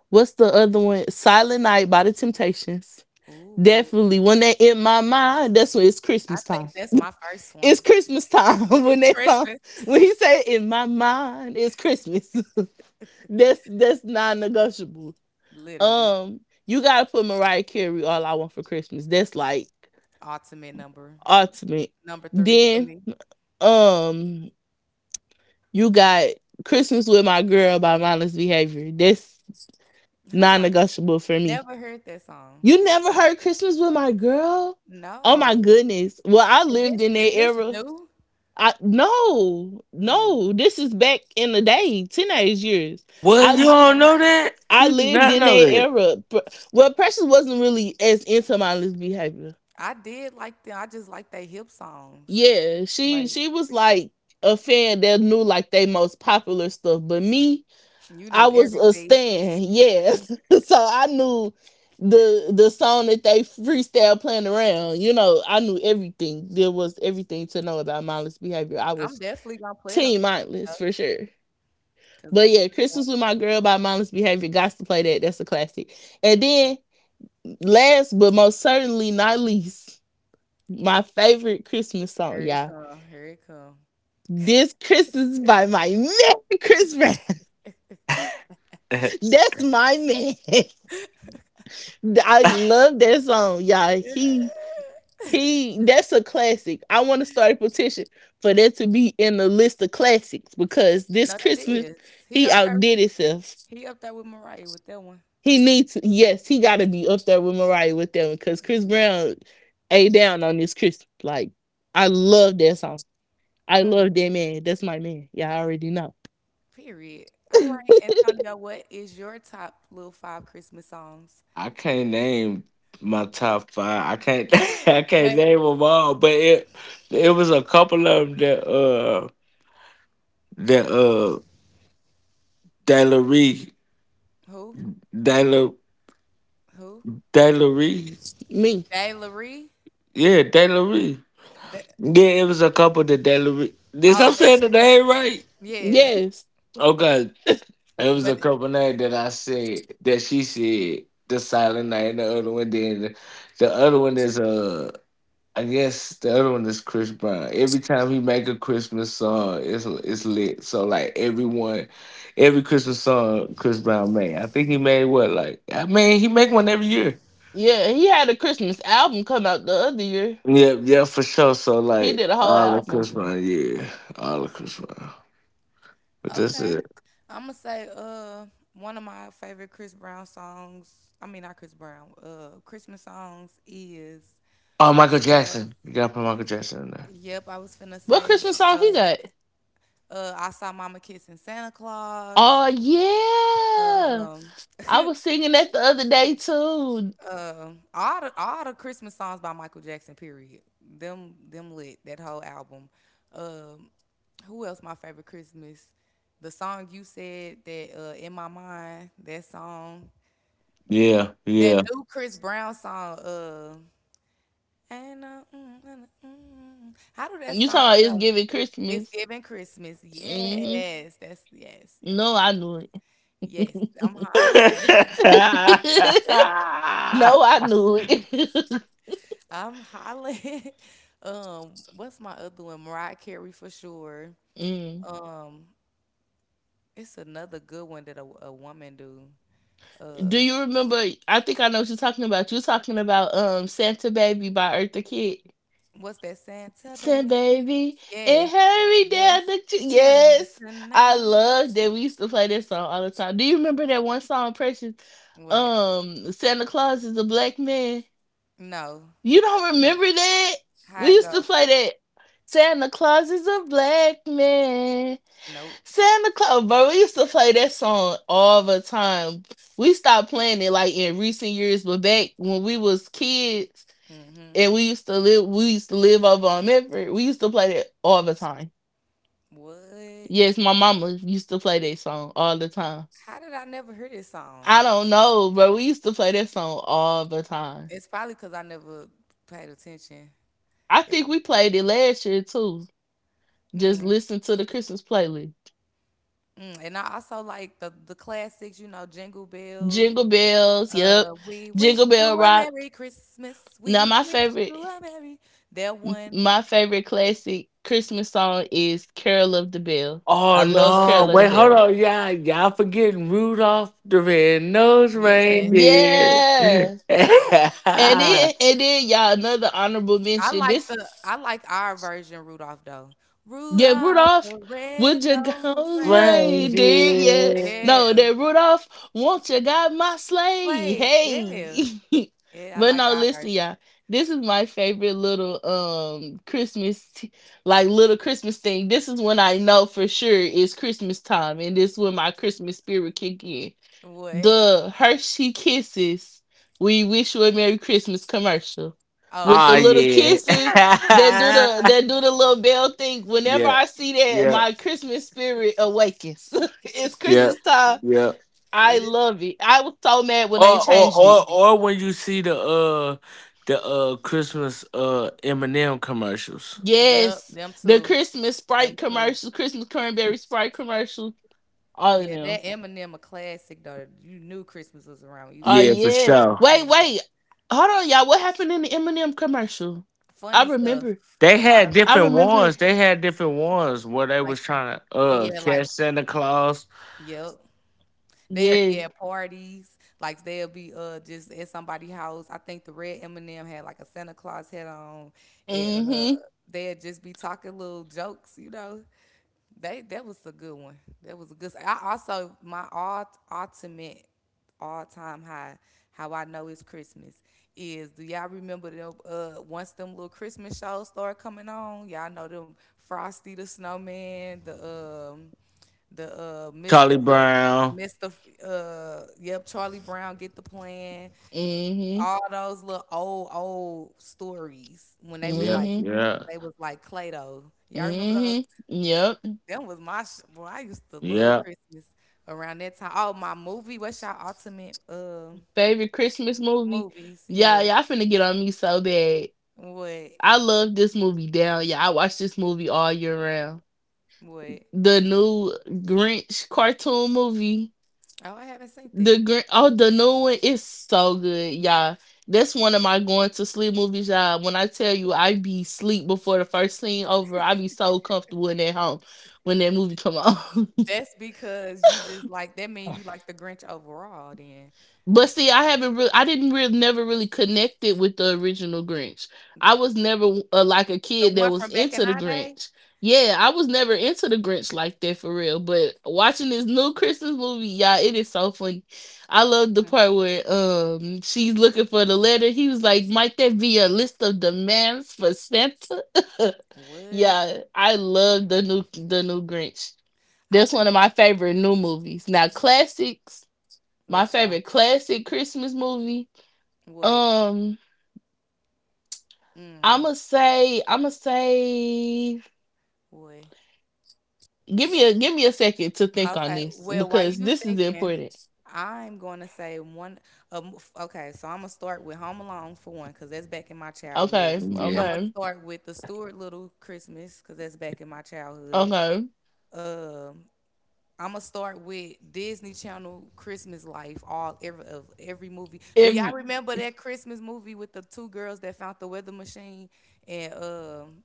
what's the other one? Silent Night by the Temptations.
Ooh.
Definitely. When they in my mind, that's when it's Christmas
I
time.
think that's my first
It's
one.
Christmas time when
It's
that song
Christmas.
when he say in my mind it's Christmas. That's non negotiable.
Literally,
Um, you gotta put Mariah Carey all I want for Christmas. That's like
ultimate number
ultimate.
number three for
Then
me.
um you got Christmas with My Girl by Mindless Behavior. That's non
Huh?
negotiable for me.
Never heard that song.
You never heard Christmas with my girl? Oh my
No.
goodness. Well, I
Is
lived
this
in that
is this
era.
new?
I No, no.
Mm.
This is back in the day, teenage years.
What,
Oh,
you
I
don't
okay.
know that?
I
You do
lived
not
in
know
that era. Well, Precious wasn't really as into mindless behavior.
I did like them. I just like their hip songs.
Yeah, she
Like
she was like a fan that knew like they most popular stuff. But me,
you
I
knew
was a
everything.
stan. Yes, so I knew the song that they freestyle playing around. You know, I knew everything. There was everything to know about mindless behavior. I was
I'm definitely gonna play it on
team mindless
stuff
for sure.
because
But
that's
yeah,
another
Christmas
one.
with My Girl by Mindless Behavior. Got to play that. That's a classic. And then, last but most certainly not least, my favorite Christmas song,
Here it
y'all.
come. Here it come.
This Christmas by my man, Chris Brown.
that.
That's my man. I love that song, y'all.
Yeah.
He. That's a classic. I want to start a petition for that to be in the list of classics because this
No, that
Christmas
is.
he
He up there.
outdid himself.
He up there with Mariah with that one.
He needs Yes, he gotta be up there with Mariah with them because Chris Brown a down on this Chris. Like, I love that song. I love that man. That's my man. Yeah, I already know.
Period. All right, Antonio, what is your top little five Christmas songs?
I can't name my
Oh.
top five. I can't I can't
What?
name them all, but it was a couple of them that that Dailery.
Who?
Dailery
Who?
Dailery
Me.
Dayla Ree?
yeah, Dailery.
Th-
Yeah it was a couple that Dailery. Did I
Oh,
say
that's
the name right?
yeah.
Yes.
Okay, it was a
But
couple names that I said that she said, the Silent Night and the other one. The other one is I guess the other one is Chris Brown. Every time he make a Christmas song, it's lit. So like everyone, every Christmas song Chris Brown made. I think he made what, like I mean he make one every year.
Yeah, he had a Christmas album come out the other year.
Yeah, yeah, for sure. So
He
like
did a whole
all of
album.
Chris Brown, yeah, all of Chris Brown. But that's
okay,
it.
I'm gonna say one of my favorite Chris Brown songs. I mean, not Chris Brown. Christmas songs is.
Oh, Michael Jackson. You gotta put Michael Jackson in there.
Yep, I was finna
What
say
Christmas song he got?
I saw Mama kissing Santa Claus.
Oh yeah.
Um,
I was singing that the other day too.
All the Christmas songs by Michael Jackson. Period. Them lit that whole album. Um, who else? My favorite Christmas. The song you said that in my mind. That song.
Yeah,
That new Chris Brown song. Ain't no, mm, mm, mm. mm. How do that
You talking
song
about it's
go?
giving
It's
Christmas.
giving Christmas.
Hmm.
Yes, that's yes, yes,
No,
yes.
I knew
Yes, I'm hollering.
yeah.
it. No, I knew it.
I'm hollering. What's my other one? Mariah Carey for sure.
Mm.
Um, it's another good one that a woman do.
Do
Uh,
you remember? I think I know what you're talking about. You're talking about Santa Baby by Eartha Kitt.
what's that Santa
Santa
baby?
Baby, and
Yes,
hurry
yes.
down the ch-,
Chimney
yes. I
tonight.
love that we used to play that song all the time. Do you remember that one song, Precious?
What?
Santa Claus is a black man.
No,
You
I
don't
do not.
remember that? We
How it
used
go?
to play that. Santa Claus is a black man.
Nope.
Santa Claus, bro. We used to play that song all the time. We stopped playing it like in recent years, but back when we was kids
Mm-hmm.
and we used to live over on Medford. We used to play that all the time.
What?
Yes, my mama used to play that song all the time.
How did I never hear this
I
song?
don't know, but we used to play that song all the time.
It's probably because I never paid attention.
I
It,
think we played it last year too. Just
mm,
listen to the Christmas playlist.
mm. And I also like the classics, you know, Jingle Bells,
Jingle bells, yep.
We wish
Jingle
you
bell
a
rock.
Merry Christmas.
Now
We
my
wish you
favorite.
a Merry. That one,
My favorite classic Christmas song is Carol of the Bell. I
Oh
love
I
no!
Carol
don't.
of the
Wait, hold
Bell.
on, y'all. Y'all forgetting Rudolph the Red-Nosed
Yes,
Reindeer.
Yeah. And
yes.
then and then y'all, another honorable
I
mention.
like
This
the. I like our version, Rudolph though.
Yeah,
Rudolph
Rudolph,
the
would you
red-nosed
come rain?
reindeer.
Did, yeah?
Reindeer.
Yeah,
No, that Rudolph, won't you got my sleigh?
sleigh. Yeah,
Hey,
yeah. I
but
like
no,
our
listen,
version.
y'all. This is my favorite little Christmas, like little Christmas thing. This is when I know for sure it's Christmas time, and this is when my Christmas spirit kick in
What?
the Hershey Kisses We Wish You a Merry Christmas commercial
Oh
with
Oh
the
yeah.
little
yeah.
kisses that do the that do the little bell thing. Whenever
yeah,
I see that,
yeah,
my Christmas spirit awakens. It's
yeah, yeah.
Christmas time. I
It is.
love it. I was so mad when they changed it.
Or when you see the uh, Christmas M commercials.
Yep,
Yes,
them
the
too.
Christmas
Them
Sprite
too.
commercial, Christmas cranberry Sprite commercial, all of
Yeah,
them.
that Eminem a classic though. You knew Christmas was around when you
Oh
Yeah,
started
for
yeah.
sure.
Wait,
saying that.
wait. Hold on, y'all. What happened in the Eminem commercial? I
Funny stuff.
remember.
They
A
had
lot
I
different
remember.
ones. They had different ones where they
like
was trying to
be at like
catch Santa Claus.
yep. They'll be
Yes.
at parties, like they'll be just at somebody's house. I think the red Eminem had like a Santa Claus head on, and
Mm-hmm.
they'll just be talking little jokes, you know. They that was a good one. That was a good. I also my all ultimate all time high. How I know it's Christmas is do y'all remember them? Once them little Christmas shows start coming on, y'all know them Frosty the Snowman, the Mister
Charlie Brown.
Mister yep, Charlie Brown get the plan.
Mm-hmm.
All those little old old stories when
Yeah,
Mm-hmm.
they
yeah,
was like Clay Doh. Y'all remember those?
Mm-hmm. Yep.
Them was boy. I used to love
yeah,
Christmas around that time. Oh, my movie. What's your ultimate
Favorite Christmas movie.
movies?
Yeah,
Yeah.
y'all finna get on me so bad.
What?
I love this movie down. Yeah, I watch this movie all year round.
What?
The new Grinch cartoon movie.
Oh, I haven't seen that.
The Grinch, oh, the new one is so good, y'all. That's one of my going to sleep movies, y'all. When I tell you I be sleep before the first scene over, I be so comfortable in that home when that movie come on.
That's because you just like that mean you like the Grinch overall then.
But see, I didn't really, never really connected with the original Grinch. I was never like a
The
kid that
one
was
from back in
into the
our day?
Grinch. Yeah, I was never into the Grinch like that for real. But watching this new Christmas movie, y'all, it is so funny. I love the
Hmm.
part where she's looking for the letter. He was like, "Might that be a list of demands for Santa?"
What?
Yeah, I love the new Grinch.
I
That's
think
one of my favorite new movies. Now, classics. My
let's go.
favorite classic Christmas movie.
What?
Um,
Mm.
I'ma say,
What?
give me
Let's
a give me a second to think on
okay.
this
Well, while
because
you
this is
thinking,
important.
I'm going to say one. Okay, so I'm gonna start with Home Alone for one, cause that's back in my childhood.
Okay,
yeah,
I'm gonna
okay,
start with the Stuart Little Christmas, cause that's back in my childhood.
okay.
Um, I'm gonna start with Disney Channel Christmas Life, all every of every movie. Do y'all
Every
remember that Christmas movie with the two girls that found the weather machine and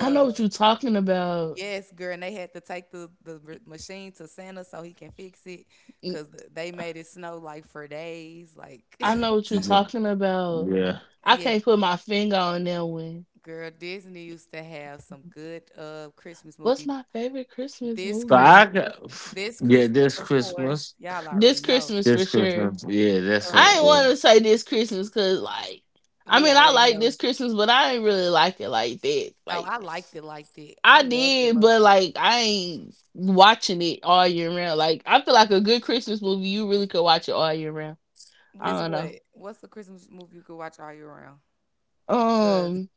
I know what you're talking about.
yes, girl, and they had to take the machine to Santa so he can fix it,
Mm,
cause they made it snow like for days. Like,
I know what you're
yeah.
talking about.
Yeah.
I
yeah,
can't put my finger on that one.
girl, Disney used to have some good Christmas
What's
movie.
my favorite Christmas
This
So I
movie?
Christmas,
got
this
yeah,
Christmas,
this
of course,
Christmas,
y'all already
This
know.
Christmas for
this
sure.
Christmas. Yeah, that's a
I ain't
Uh,
yeah.
want to say this Christmas because, like, I
we
mean, I
already
like
know.
this Christmas, but I ain't really like it like that.
Oh,
Like,
I liked it, liked it. I
I
loved it,
did,
loved
but
it.
like, I ain't watching it all year round. Like, I feel like a good Christmas movie, you really could watch it all year round. I
It's
don't
what?
know.
What's the Christmas movie you could watch all year round?
Um,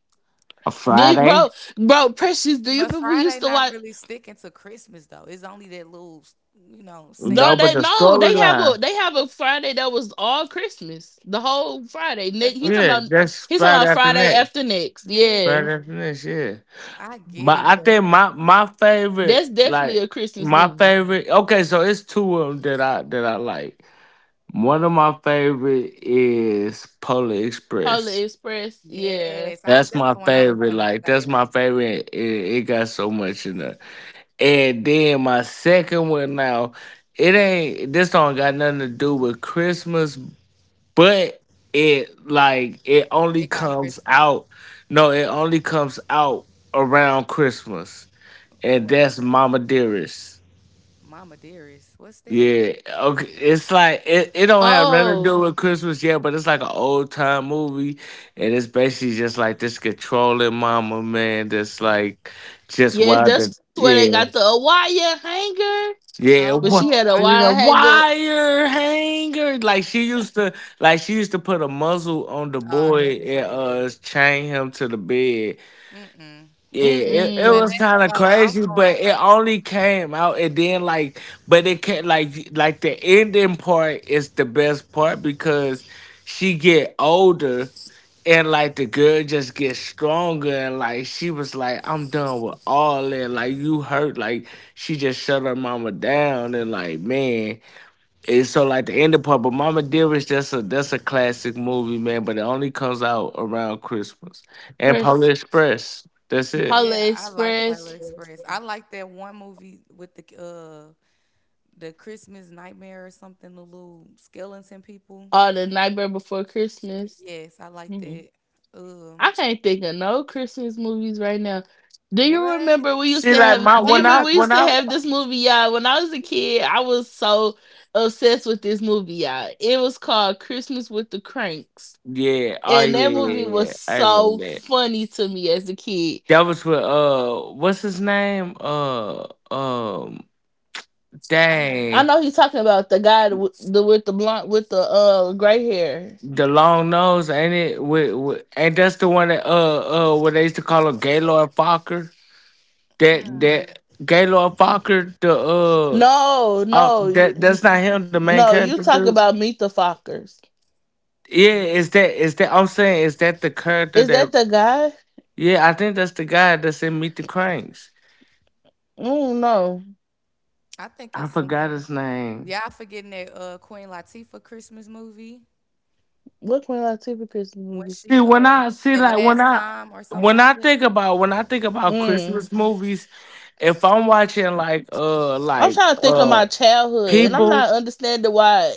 A
do you,
Friday.
bro, bro, Precious, do you
But
remember we
Friday
used to
not
watch?
really sticking to Christmas though. It's only that little, you know,
No,
No,
scene.
but
they
the
no,
storyline.
they have a Friday that was all Christmas, the whole Friday. Nick,
That's
he
what I,
talking
Yeah,
about
that's
he talking
Friday
about
After
Friday
Next.
after next. Yeah.
yeah,
Friday After Next. Yeah,
I get
but
it,
I think
but
my my
That's
favorite
definitely
like
a Christmas
my
movie.
favorite. Okay, so it's two of them that I like. One of my favorite is Polar
Polar
Express.
Express, yeah.
yes, I was
That's
that's
my
the one I was
favorite.
gonna
Like
say.
that's my favorite. It got so much in it. And then my second one now, it ain't. This song got nothing to do with Christmas, but it like it
They
only
got
comes
Chris
out. No, it only comes out around Christmas, and
what?
that's Mama Dearest.
Mama Dearest. What's that?
Yeah, okay. It's like it don't have nothing to do
Oh,
with Christmas yet, but it's like an old time movie, and it's basically just like this controlling mama man that's like just
yes,
wild.
that's where they got the
Yeah,
Awaya hanger. But
yeah.
she had a
What,
Oh,
wire
I
you
need
know,
to
hanger.
watch.
wire hanger? Like she used to put a muzzle on the
Oh,
boy
that's
and
crazy.
chain him to the bed,
Mm-mm.
yeah, it
Well,
was
Mm-mm.
that's
kind of
so I'm
crazy, but
going.
it only came out and then like, but it can like the ending part is the best part because she get older and like the girl just gets stronger and like she was like, I'm done with all that. Like you hurt, like she just shut her mama down and like man, and so like the ending part. But Mama Dear is just a that's a classic movie, man. But it only comes out around Christmas and Polar
Press
Express. That's it.
Polar
Yeah, I like Flavor
Express,
Express. I like that one movie with the Christmas Nightmare or something, the little skeleton people.
or The Nightmare Before Christmas.
Yes, I like
Mm-mm.
that.
I
Um,
can't think of no Christmas movies right now. Do you
what?
remember we used
See,
to
like
have?
my
Do
What
you
when I
remember
about
we used
when
to
I
have this movie, y'all? When I was a kid, I was so obsessed with this movie, y'all. It was called Christmas with the Cranks.
yeah, oh
And that
yeah, yeah,
Uh,
yeah,
movie
yeah,
was
yeah, I remember
so
that.
funny to me as a kid.
That was with what's his name, um
I know.
I
dang
know he's talking about the guy with the blonde with the gray hair.
the long nose, ain't it, with ain't that's the one that uh what they used to call him, Gaylord Fokker, that
Mm,
that Gaylord Fokker, the uh
No,
uh
no,
that that's not him, the main
no.
character
You talk
dude,
about Meet the Fockers.
yeah,
me-
is that, is that, I'm saying, is that the character
Is
that,
that the guy?
yeah, I think that's the guy that's in Meet the Cranks.
Mm, no.
I think
I
it's some.
forgot his name.
Y'all forgetting that Queen Latifah Christmas movie
What Queen Latifah Christmas
when
movie?
See,
she
when I see
the
like when
last
I
time or something
when
like
I
that.
think about when I think about
Mm.
Christmas movies, if I'm watching like uh
I'm
like
trying to think of
uh
my childhood, and I'm
people,
not understanding why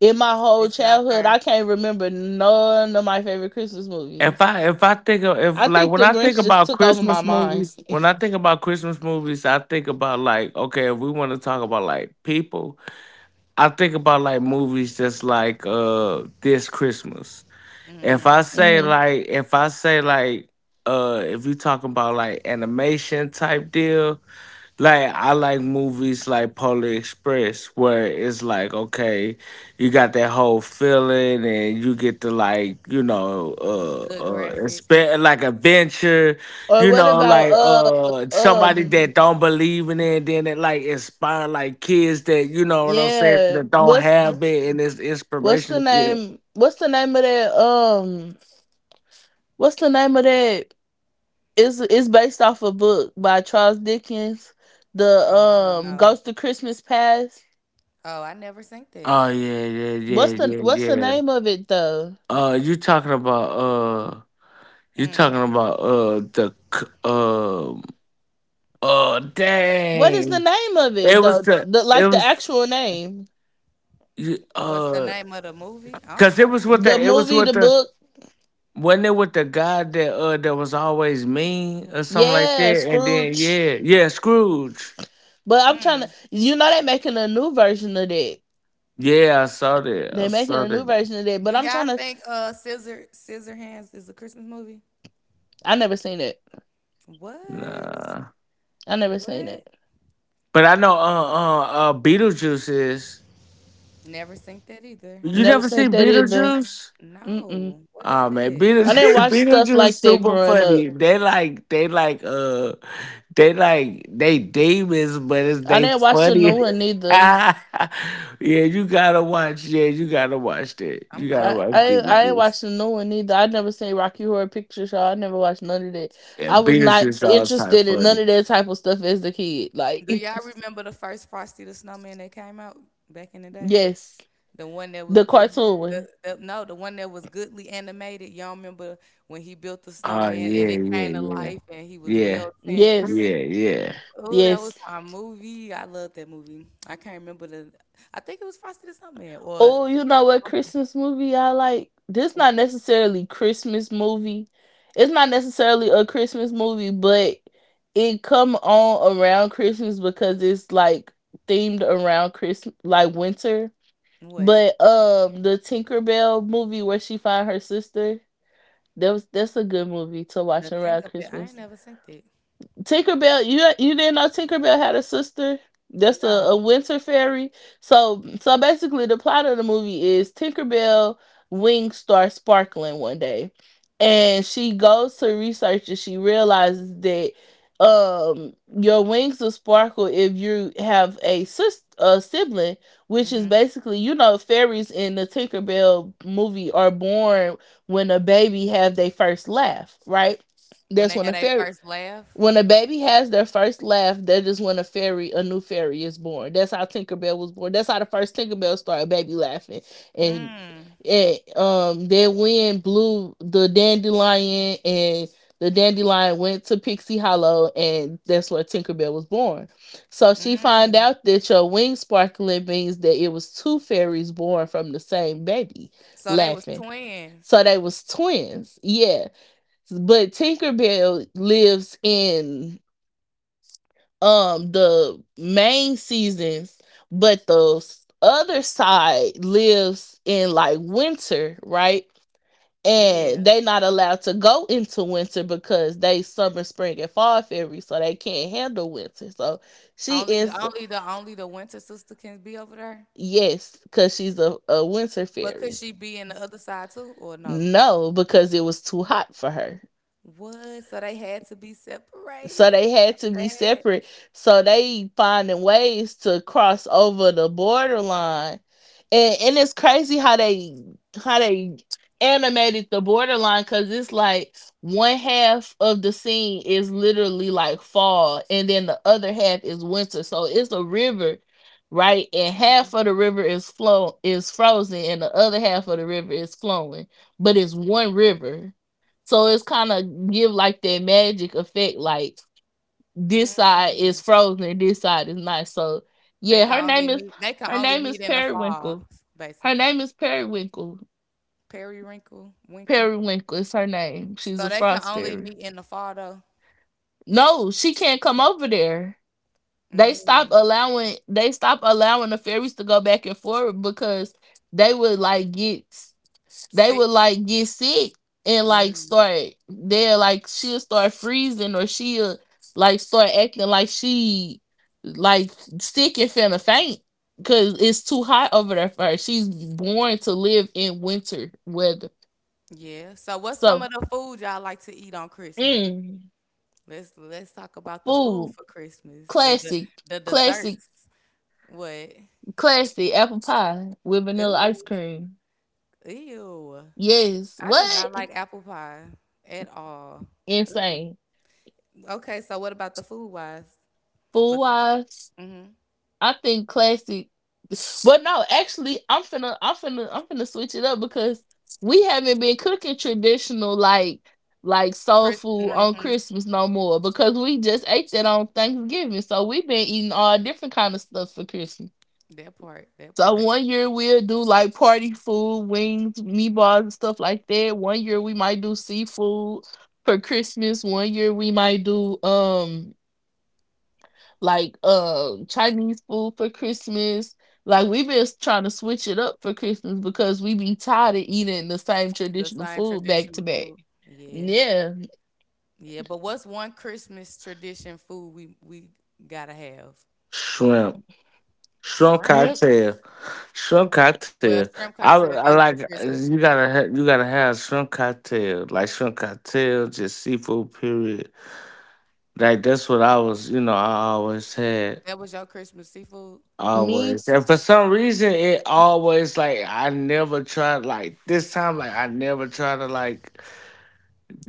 in my whole
It's not
childhood I
there.
can't remember none of my favorite Christmas
if
movies.
I if I think of
I
if like
think The
when I think
Grinch just
about
took over my
Christmas
mind.
movies, when I think about Christmas movies, I think about like okay, if we want to talk about like people, I think about like movies just like this Christmas.
Mm-hmm.
hmm
If I say like, if you talking about like animation type deal, like I like movies like Polar Express, where it's like okay, you got that whole feeling and you get to like, you know,
Good graphics.
expect like adventure,
Or
you
what
know,
about
like somebody
um
that don't believe in it, then it like inspire like kids that, you know what I'm saying, that
yeah,
don't have it and it's inspiration.
what's the name of that, what's the name of that is it's based off a book by Charles Dickens, the
Oh, I don't know.
Ghost of Christmas Past.
Oh, I never seen that.
Oh yeah, yeah, yeah,
what's the
You,
yeah,
what's the
yeah.
name of it though?
Uh, you talking about uh, you
mm,
talking about the uh
What is the
dang,
name of it
it was
though,
the
the
it
like the
was
actual name?
you-
what's the
uh,
name of the movie? I don't
cause it
know.
was with
The
the, it was
movie,
with
the
the,
book?
wasn't it with the guy that that was always mean or something like
Yeah,
that, and then
Scrooge.
yeah, yeah, Scrooge.
But I'm trying to.
Mm.
They're making a new version of that.
Yeah, I saw that. I
They're making
saw
a new
that.
version of that,
Do
but I'm
y'all
trying to.
think Scissor Scissor Hands is a Christmas movie?
I never seen it.
What?
Nah,
I never seen
What?
it.
but I know uh, Beetlejuice is.
Never seen that either.
You
Never
never
seen
seen
that either.
Beetlejuice?
Mm-mm.
No. What is
Oh man,
that?
I didn't
Beetlejuice,
watch stuff
Beetlejuice
like that
super
growing up.
funny. They like they like they like they demons, but it's
I
they
didn't watch the
funny.
new one either.
yeah, you gotta watch. Yeah, you gotta watch that.
I'm
You
gonna
gotta
have
I
to
watch
I
watch it.
ain't watched
Beetlejuice.
the new one either. I never seen Rocky Horror Picture Show. I never watched none of that.
Yeah,
I was not
Beetlejuice all time
interested in none
funny.
of that type of stuff as a kid. Like,
Do y'all remember the first Frosty the Snowman that came out back in the day?
yes,
The one that was
the
good.
cartoon one.
No, the one that was goodly animated. Y'all remember when he built the
Oh
snowman and
yeah,
it came to
yeah,
life and he was
yeah,
melting.
yeah, yeah,
Yes,
yeah.
Oh, that was
yes.
my movie. I loved that movie. I can't remember the. I think it was Frosty the Snowman or
Oh, you know what
something.
Christmas movie I like? This not necessarily Christmas movie. It's not necessarily a Christmas movie, but it come on around Christmas because it's like themed around Christmas, like winter.
What?
But the Tinkerbell movie where she find her sister, that's a good movie to watch
The
around
Tinkerbell. I ain't
Christmas.
never seen that.
Tinkerbell, you didn't know Tinkerbell had a sister. That's a
No.
winter fairy. So basically the plot of the movie is Tinkerbell wings start sparkling one day. And she goes to research and she realizes that um your wings will sparkle if you have a sibling, which is
Mm-hmm.
basically fairies in the Tinkerbell movie are born when a baby have their first laugh, right?
When
That's
they
when
had
a
their
fairy
first laugh.
when a baby has their first laugh, that is when a fairy, a new fairy is born. That's how Tinkerbell was born. That's how the first Tinkerbell started, baby laughing. And,
Mm,
and then wind blew the dandelion and the dandelion went to Pixie Hollow and that's where Tinkerbell was born. So she found
mm.
out that your wings sparkling means that it was two fairies born from the same baby
So they was
laughing. So
twins.
they was twins. Yeah. But Tinkerbell lives in the main seasons, but the other side lives in like winter, right?
Yeah.
And they not allowed to go into winter because they summer, spring, and fall fairy, so they can't handle winter. So she is
Only the winter sister can be over there.
yes, because she's a winter
But could
fairy.
she be in the other side too, or no?
No, because it was too hot for her.
What? So they had to be
So
separated. That's
they had to
so
be
sad.
separate. So they finding ways to cross over the borderline. And it's crazy how they animated the borderline because it's like one half of the scene is literally like fall and then the other half is winter. So it's a river, right? And half
Mhm.
of the river is frozen and the other half of the river is flowing. But it's one river. So it's kind of give like that magic effect, like this side is
Mm.
frozen and this side is not. So yeah, her name is
They can
her
only
name is
meet in the fall,
Periwinkle. Her
basically.
name is Periwinkle.
Periwinkle, winkle.
Periwinkle is her name. She's
So
a
they can
frost
only
fairy.
meet in the fall though.
No, she can't come over there. They stopped
Mm.
allowing they stopped allowing the fairies to go back and forth because they would like get they would
See.
like get sick and like
Mm.
start they'll like she'll start freezing or she'll like start acting like she like sick and finna faint because it's too hot over there for her. She's born to live in winter weather.
Yeah. So what's some
So
of the food y'all like to eat on Christmas?
mm,
Let's talk about the food
food
for Christmas.
classic,
The
classic,
desserts. What?
classic apple pie with vanilla ice
Ooh,
cream.
ew.
Yes,
I do not
what
like apple pie at all. Ooh.
insane.
Okay, so what about the food wise?
Food
Besides,
wise.
mm-hmm.
I think classic, but no, actually, I'm finna switch it up because we haven't been cooking traditional like soul
Chris,
food on
mm-hmm.
Christmas no more because we just ate that on Thanksgiving, so we've been eating all different kind of stuff for Christmas.
That part, that
So
part.
one year we'll do like party food, wings, meatballs, and stuff like that. One year we might do seafood for Christmas. One year we might do like Chinese food for Christmas. Like we been trying to switch it up for Christmas because we be tired of eating the same
The
traditional
same
food back to
traditional
back.
food. Yeah.
Yeah.
Yeah, but what's one Christmas tradition food we gotta have?
Shrimp. Strong
Mhm.
Shrimp.
cocktail, strong cocktail.
Well, shrimp
I,
cocktail
I
is
like,
a Christmas
you
tradition.
gotta you gotta have shrimp cocktail, like shrimp cocktail, just seafood. Period. Like that's what I was, you know, I always had,
That was your Christmas seafood?
Me,
always. And for some reason, it always, like I never tried like this time. Like I never tried to like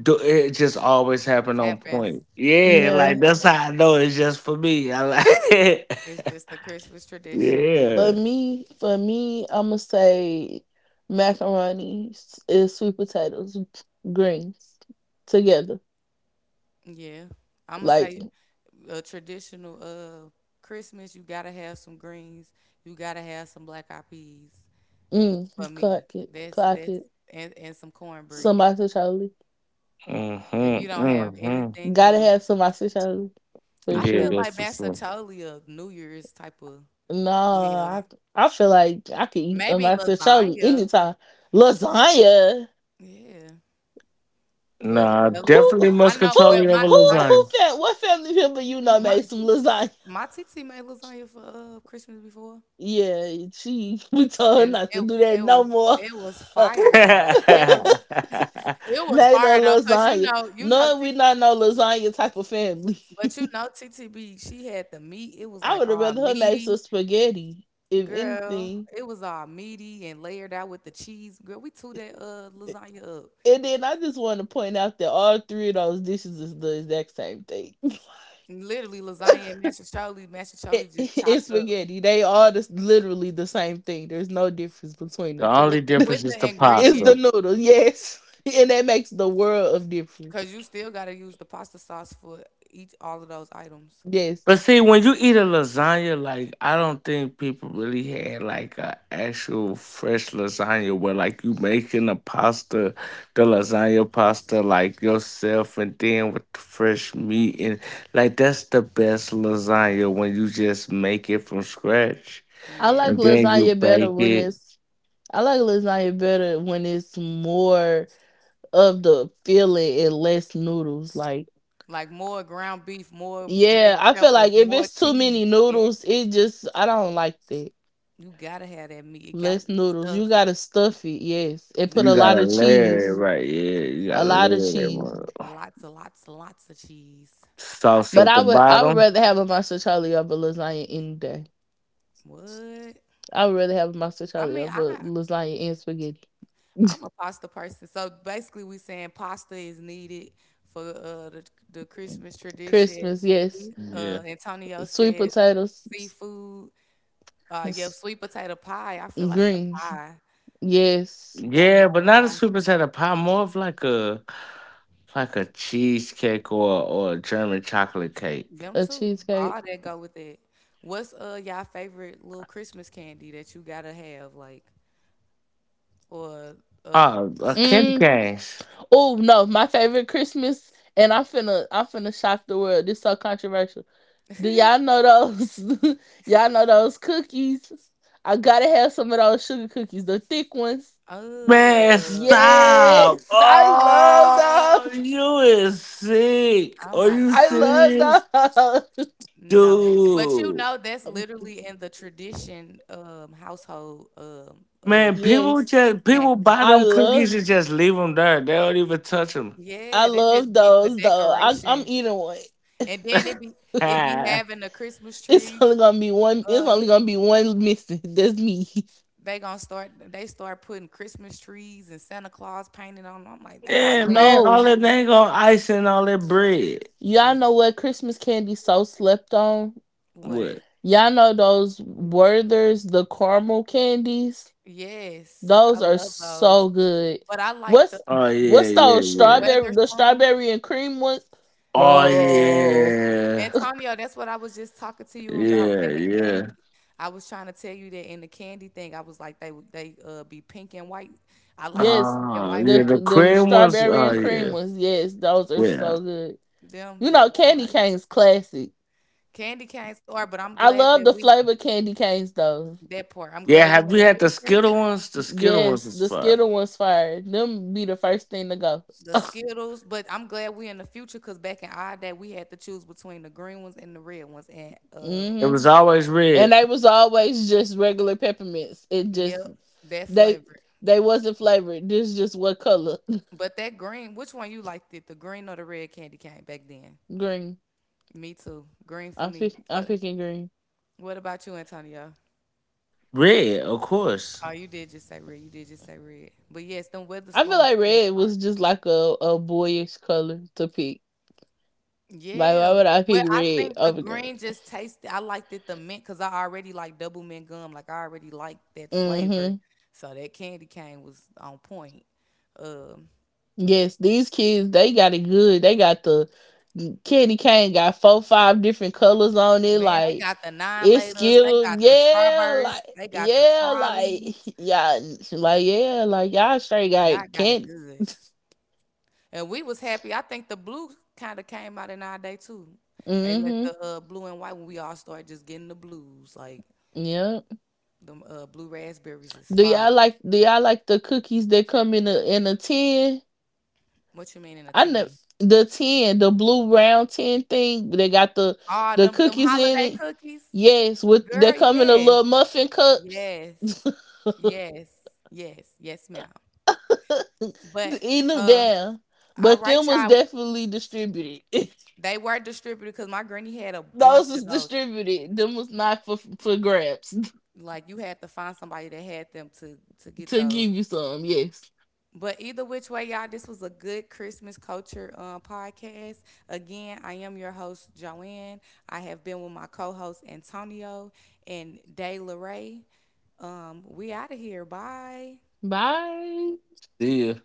do it. Just always happened on
Happens.
point. Yeah,
yeah.
like that's how I know it's just for me. I like,
It's just a Christmas tradition for you.
For
yeah.
me for me I'ma say macaroni and sweet potatoes, greens together.
Yeah. I'm gonna
Like,
say a traditional Christmas, you gotta have some greens, you gotta have some black eyed peas
mm,
for me.
clock it,
That's
clock
that's
it.
and some cornbread.
Somebody Charlie.
If
Mm-hmm,
you don't have
mm-hmm.
anything
Gotta
else.
have somebody Charlie for
I
Yeah,
feel
sure.
that's
like
for
that's a
sure.
totally a New Year's type of
No,
meal.
I feel like I could eat them
Maybe
out to Charlie
lasagna.
anytime. Lasagna.
Yeah. Well,
Nah,
at least
Who who
definitely
I know. Well,
muscatelli over
who who
lasagna.
fam what family member
my
made some lasagna?
my TT made lasagna for Christmas before,
Yeah, she we told her
and
not to do that
it
no
was
more.
it was fire though. It was
made a
fire though, cause
lasagna.
you know
No,
TT,
we not no lasagna type of family.
but you know TTB she had the meat. It was
I
like
would have
all
rather her make some
meaty,
spaghetti, if
girl.
anything.
It was all meaty and layered out with the cheese, girl. We threw that lasagna up.
And then I just want to point out that all three of those dishes is the exact same thing.
Literally lasagna and mashed
It,
Charlie just
it's
chopped up
spaghetti. They are the literally the same thing. There's no difference between
the
the three.
only
with the with
difference is
the
the
It's
ingredient.
the
pasta.
noodles, yes, and that makes the world of difference.
Cause you still gotta use the pasta sauce for each all of those items.
Yes,
But see, when you eat a lasagna, like I don't think people really had like a actual fresh lasagna where like you making a pasta, the lasagna pasta like yourself, and then with the fresh meat and like that's the best lasagna when you just make it from scratch
I
Yeah.
like
and then you
lasagna better
bake
when
it.
it's. I like lasagna better when it's more of the filling and less noodles. Like,
Like more ground beef, more green
yeah, I feel
peppers,
like if
more
it's too
cheese.
many
Yes.
noodles, it just I don't like that.
You gotta have that meat. It gotta
Less
be
noodles. You
stuffed.
gotta stuff it, yes, and put
You
a
hmm
lot
gotta
of
layer it
cheese.
right, yeah, you
A
gotta
lot of
layer that
cheese.
one.
Lots of lots and lots of cheese. I
Sauce
think
But
at
I'm
the
I would
gonna
I
make
would
bottom.
me
rather have a monster Charlie over lasagna any day.
some. What?
I would rather have a monster
I
Charlie
mean,
over
I
lasagna and spaghetti.
I'm a pasta person. So basically, we saying pasta is needed for the Christmas tradition.
Christmas, yes.
Yeah.
Antonio
Sweet
said
potatoes,
seafood. Yeah,
s-
sweet potato pie, I feel like the
greens,
pie,
yes.
you gotta have
Yeah,
the
but not a
pie.
sweet potato pie, more of like a cheesecake or a German chocolate cake.
Them
A
too,
cheesecake.
all that go with it. What's, y'all favorite little Christmas candy that you gotta have, like, or, uh,
Oh, candy
Mm.
canes.
Oh no, my favorite Christmas, and I'm finna shock the world. This so controversial. Do y'all know those? Y'all know those cookies? I gotta have some of those sugar cookies, the thick ones.
Man,
Oh,
stop!
Yes, I
Oh,
love
you is sick.
oh
Are
my
you
I
God.
serious,
love those.
No, but you
dude?
know that's literally in the tradition household of
Man, people
Yes,
just
snack.
people buy
I
them cookies
loved.
and just leave them there. They don't even touch them.
I
Yeah, they just
love
be for
those though. I'm
decoration.
eating one.
And then it be having a Christmas
It's
tree.
only gonna be one. It's
uh,
only gonna be one missing. That's me.
They gonna start putting Christmas trees and Santa Claus painted on 'em. I'm like, they
Yeah,
already
man.
No,
All
nasty.
that they ain't gonna ice and all that bread.
y'all
Just
know what Christmas candy so slept on.
what?
What?
Y'all know those Werthers, the caramel candies.
Yes, I
Those are
love those.
so good.
But I like the
What's
Oh yeah,
what's
yeah,
those
yeah.
weather
strawberry? The
spoons.
strawberry and cream ones,
The
Oh
yes.
bro.
yeah,
Antonio, that's what I was just talking to you about.
yeah,
And the
yeah.
candy. I was trying to tell you that in the candy thing, I was like they be pink and white. I like the
Yes,
pink and
Oh
white
yeah,
the
the
ones.
the
cream ones.
strawberry
Oh
and
yeah,
cream
Yeah,
ones. Yes, those are
yeah,
so good.
them
You
the
know, candy
ones.
canes classic.
Candy canes are, but I'm
I
glad that
love the
we
flavor candy canes though.
that part. I'm
yeah.
glad we
Have
in
we
the
had the
future.
Skittle ones? The Skittle ones
Yes,
was
the
fun.
Skittle ones fire. Them be the first thing to go.
The Skittles, but I'm glad we are in the future because back in our day we had to choose between the green ones and the red ones. And
It
Mhm.
was always
And
red,
they was always just regular peppermints. It just
yep, that
they
flavor.
they wasn't flavored. This is just what color?
But that green, which one you liked it? The green or the red candy cane back then?
Green.
Me too. Green for
I'm
me.
pick, I'm picking green.
What about you, Antonio?
red, of course.
Oh, you did just say red. You did just say red. But yes, them weather
I feel
spoons
like
is
red
fire.
was just like a boyish color to pick. Like why
Yeah.
would I
Well,
pick
I
red
think the
over green?
green just tasted I liked it the mint because I already like double mint gum. Like, I already like that flavor.
Mm-hmm.
So that candy cane was on point. Um,
Yes, these kids they got it good. They got the candy cane got four five different colors on it.
man, they
Like
got the nine
it's
laters, they
Skittles,
got the strawberries, they got the
yeah, like
trolleys.
yeah, yeah, like y'all straight got
Y'all got it
candy.
good. And we was happy. I think the blue kind of came out in our day too. They let
Mm-hmm.
the blue and white when we all started just getting the blues. Like,
Yeah.
the blue raspberries is
Do
fire.
y'all like do y'all like the cookies that come in a tin?
What you mean in a
I know
10?
the tin, the blue round tin thing. They got the
Ah,
the
them them
cookies in
holiday
it.
cookies,
Yes, with they
girl.
come in the
Yes,
little muffin cups.
yes, yes, yes, yes, ma'am. But
Eating them
uh,
down,
all
but
right,
them was
y'all.
definitely distributed.
They were distributed because my granny had a
Those
bunch of
was
those.
distributed. Them was not for grabs
Like you had to find somebody that had them to get
to
those.
give you some. Yes.
But either which way, y'all, this was a good Christmas culture podcast. Again, I am your host, Joanne. I have been with my co-host Antonio and Day Ray. We out of here. Bye.
Bye.
Yeah.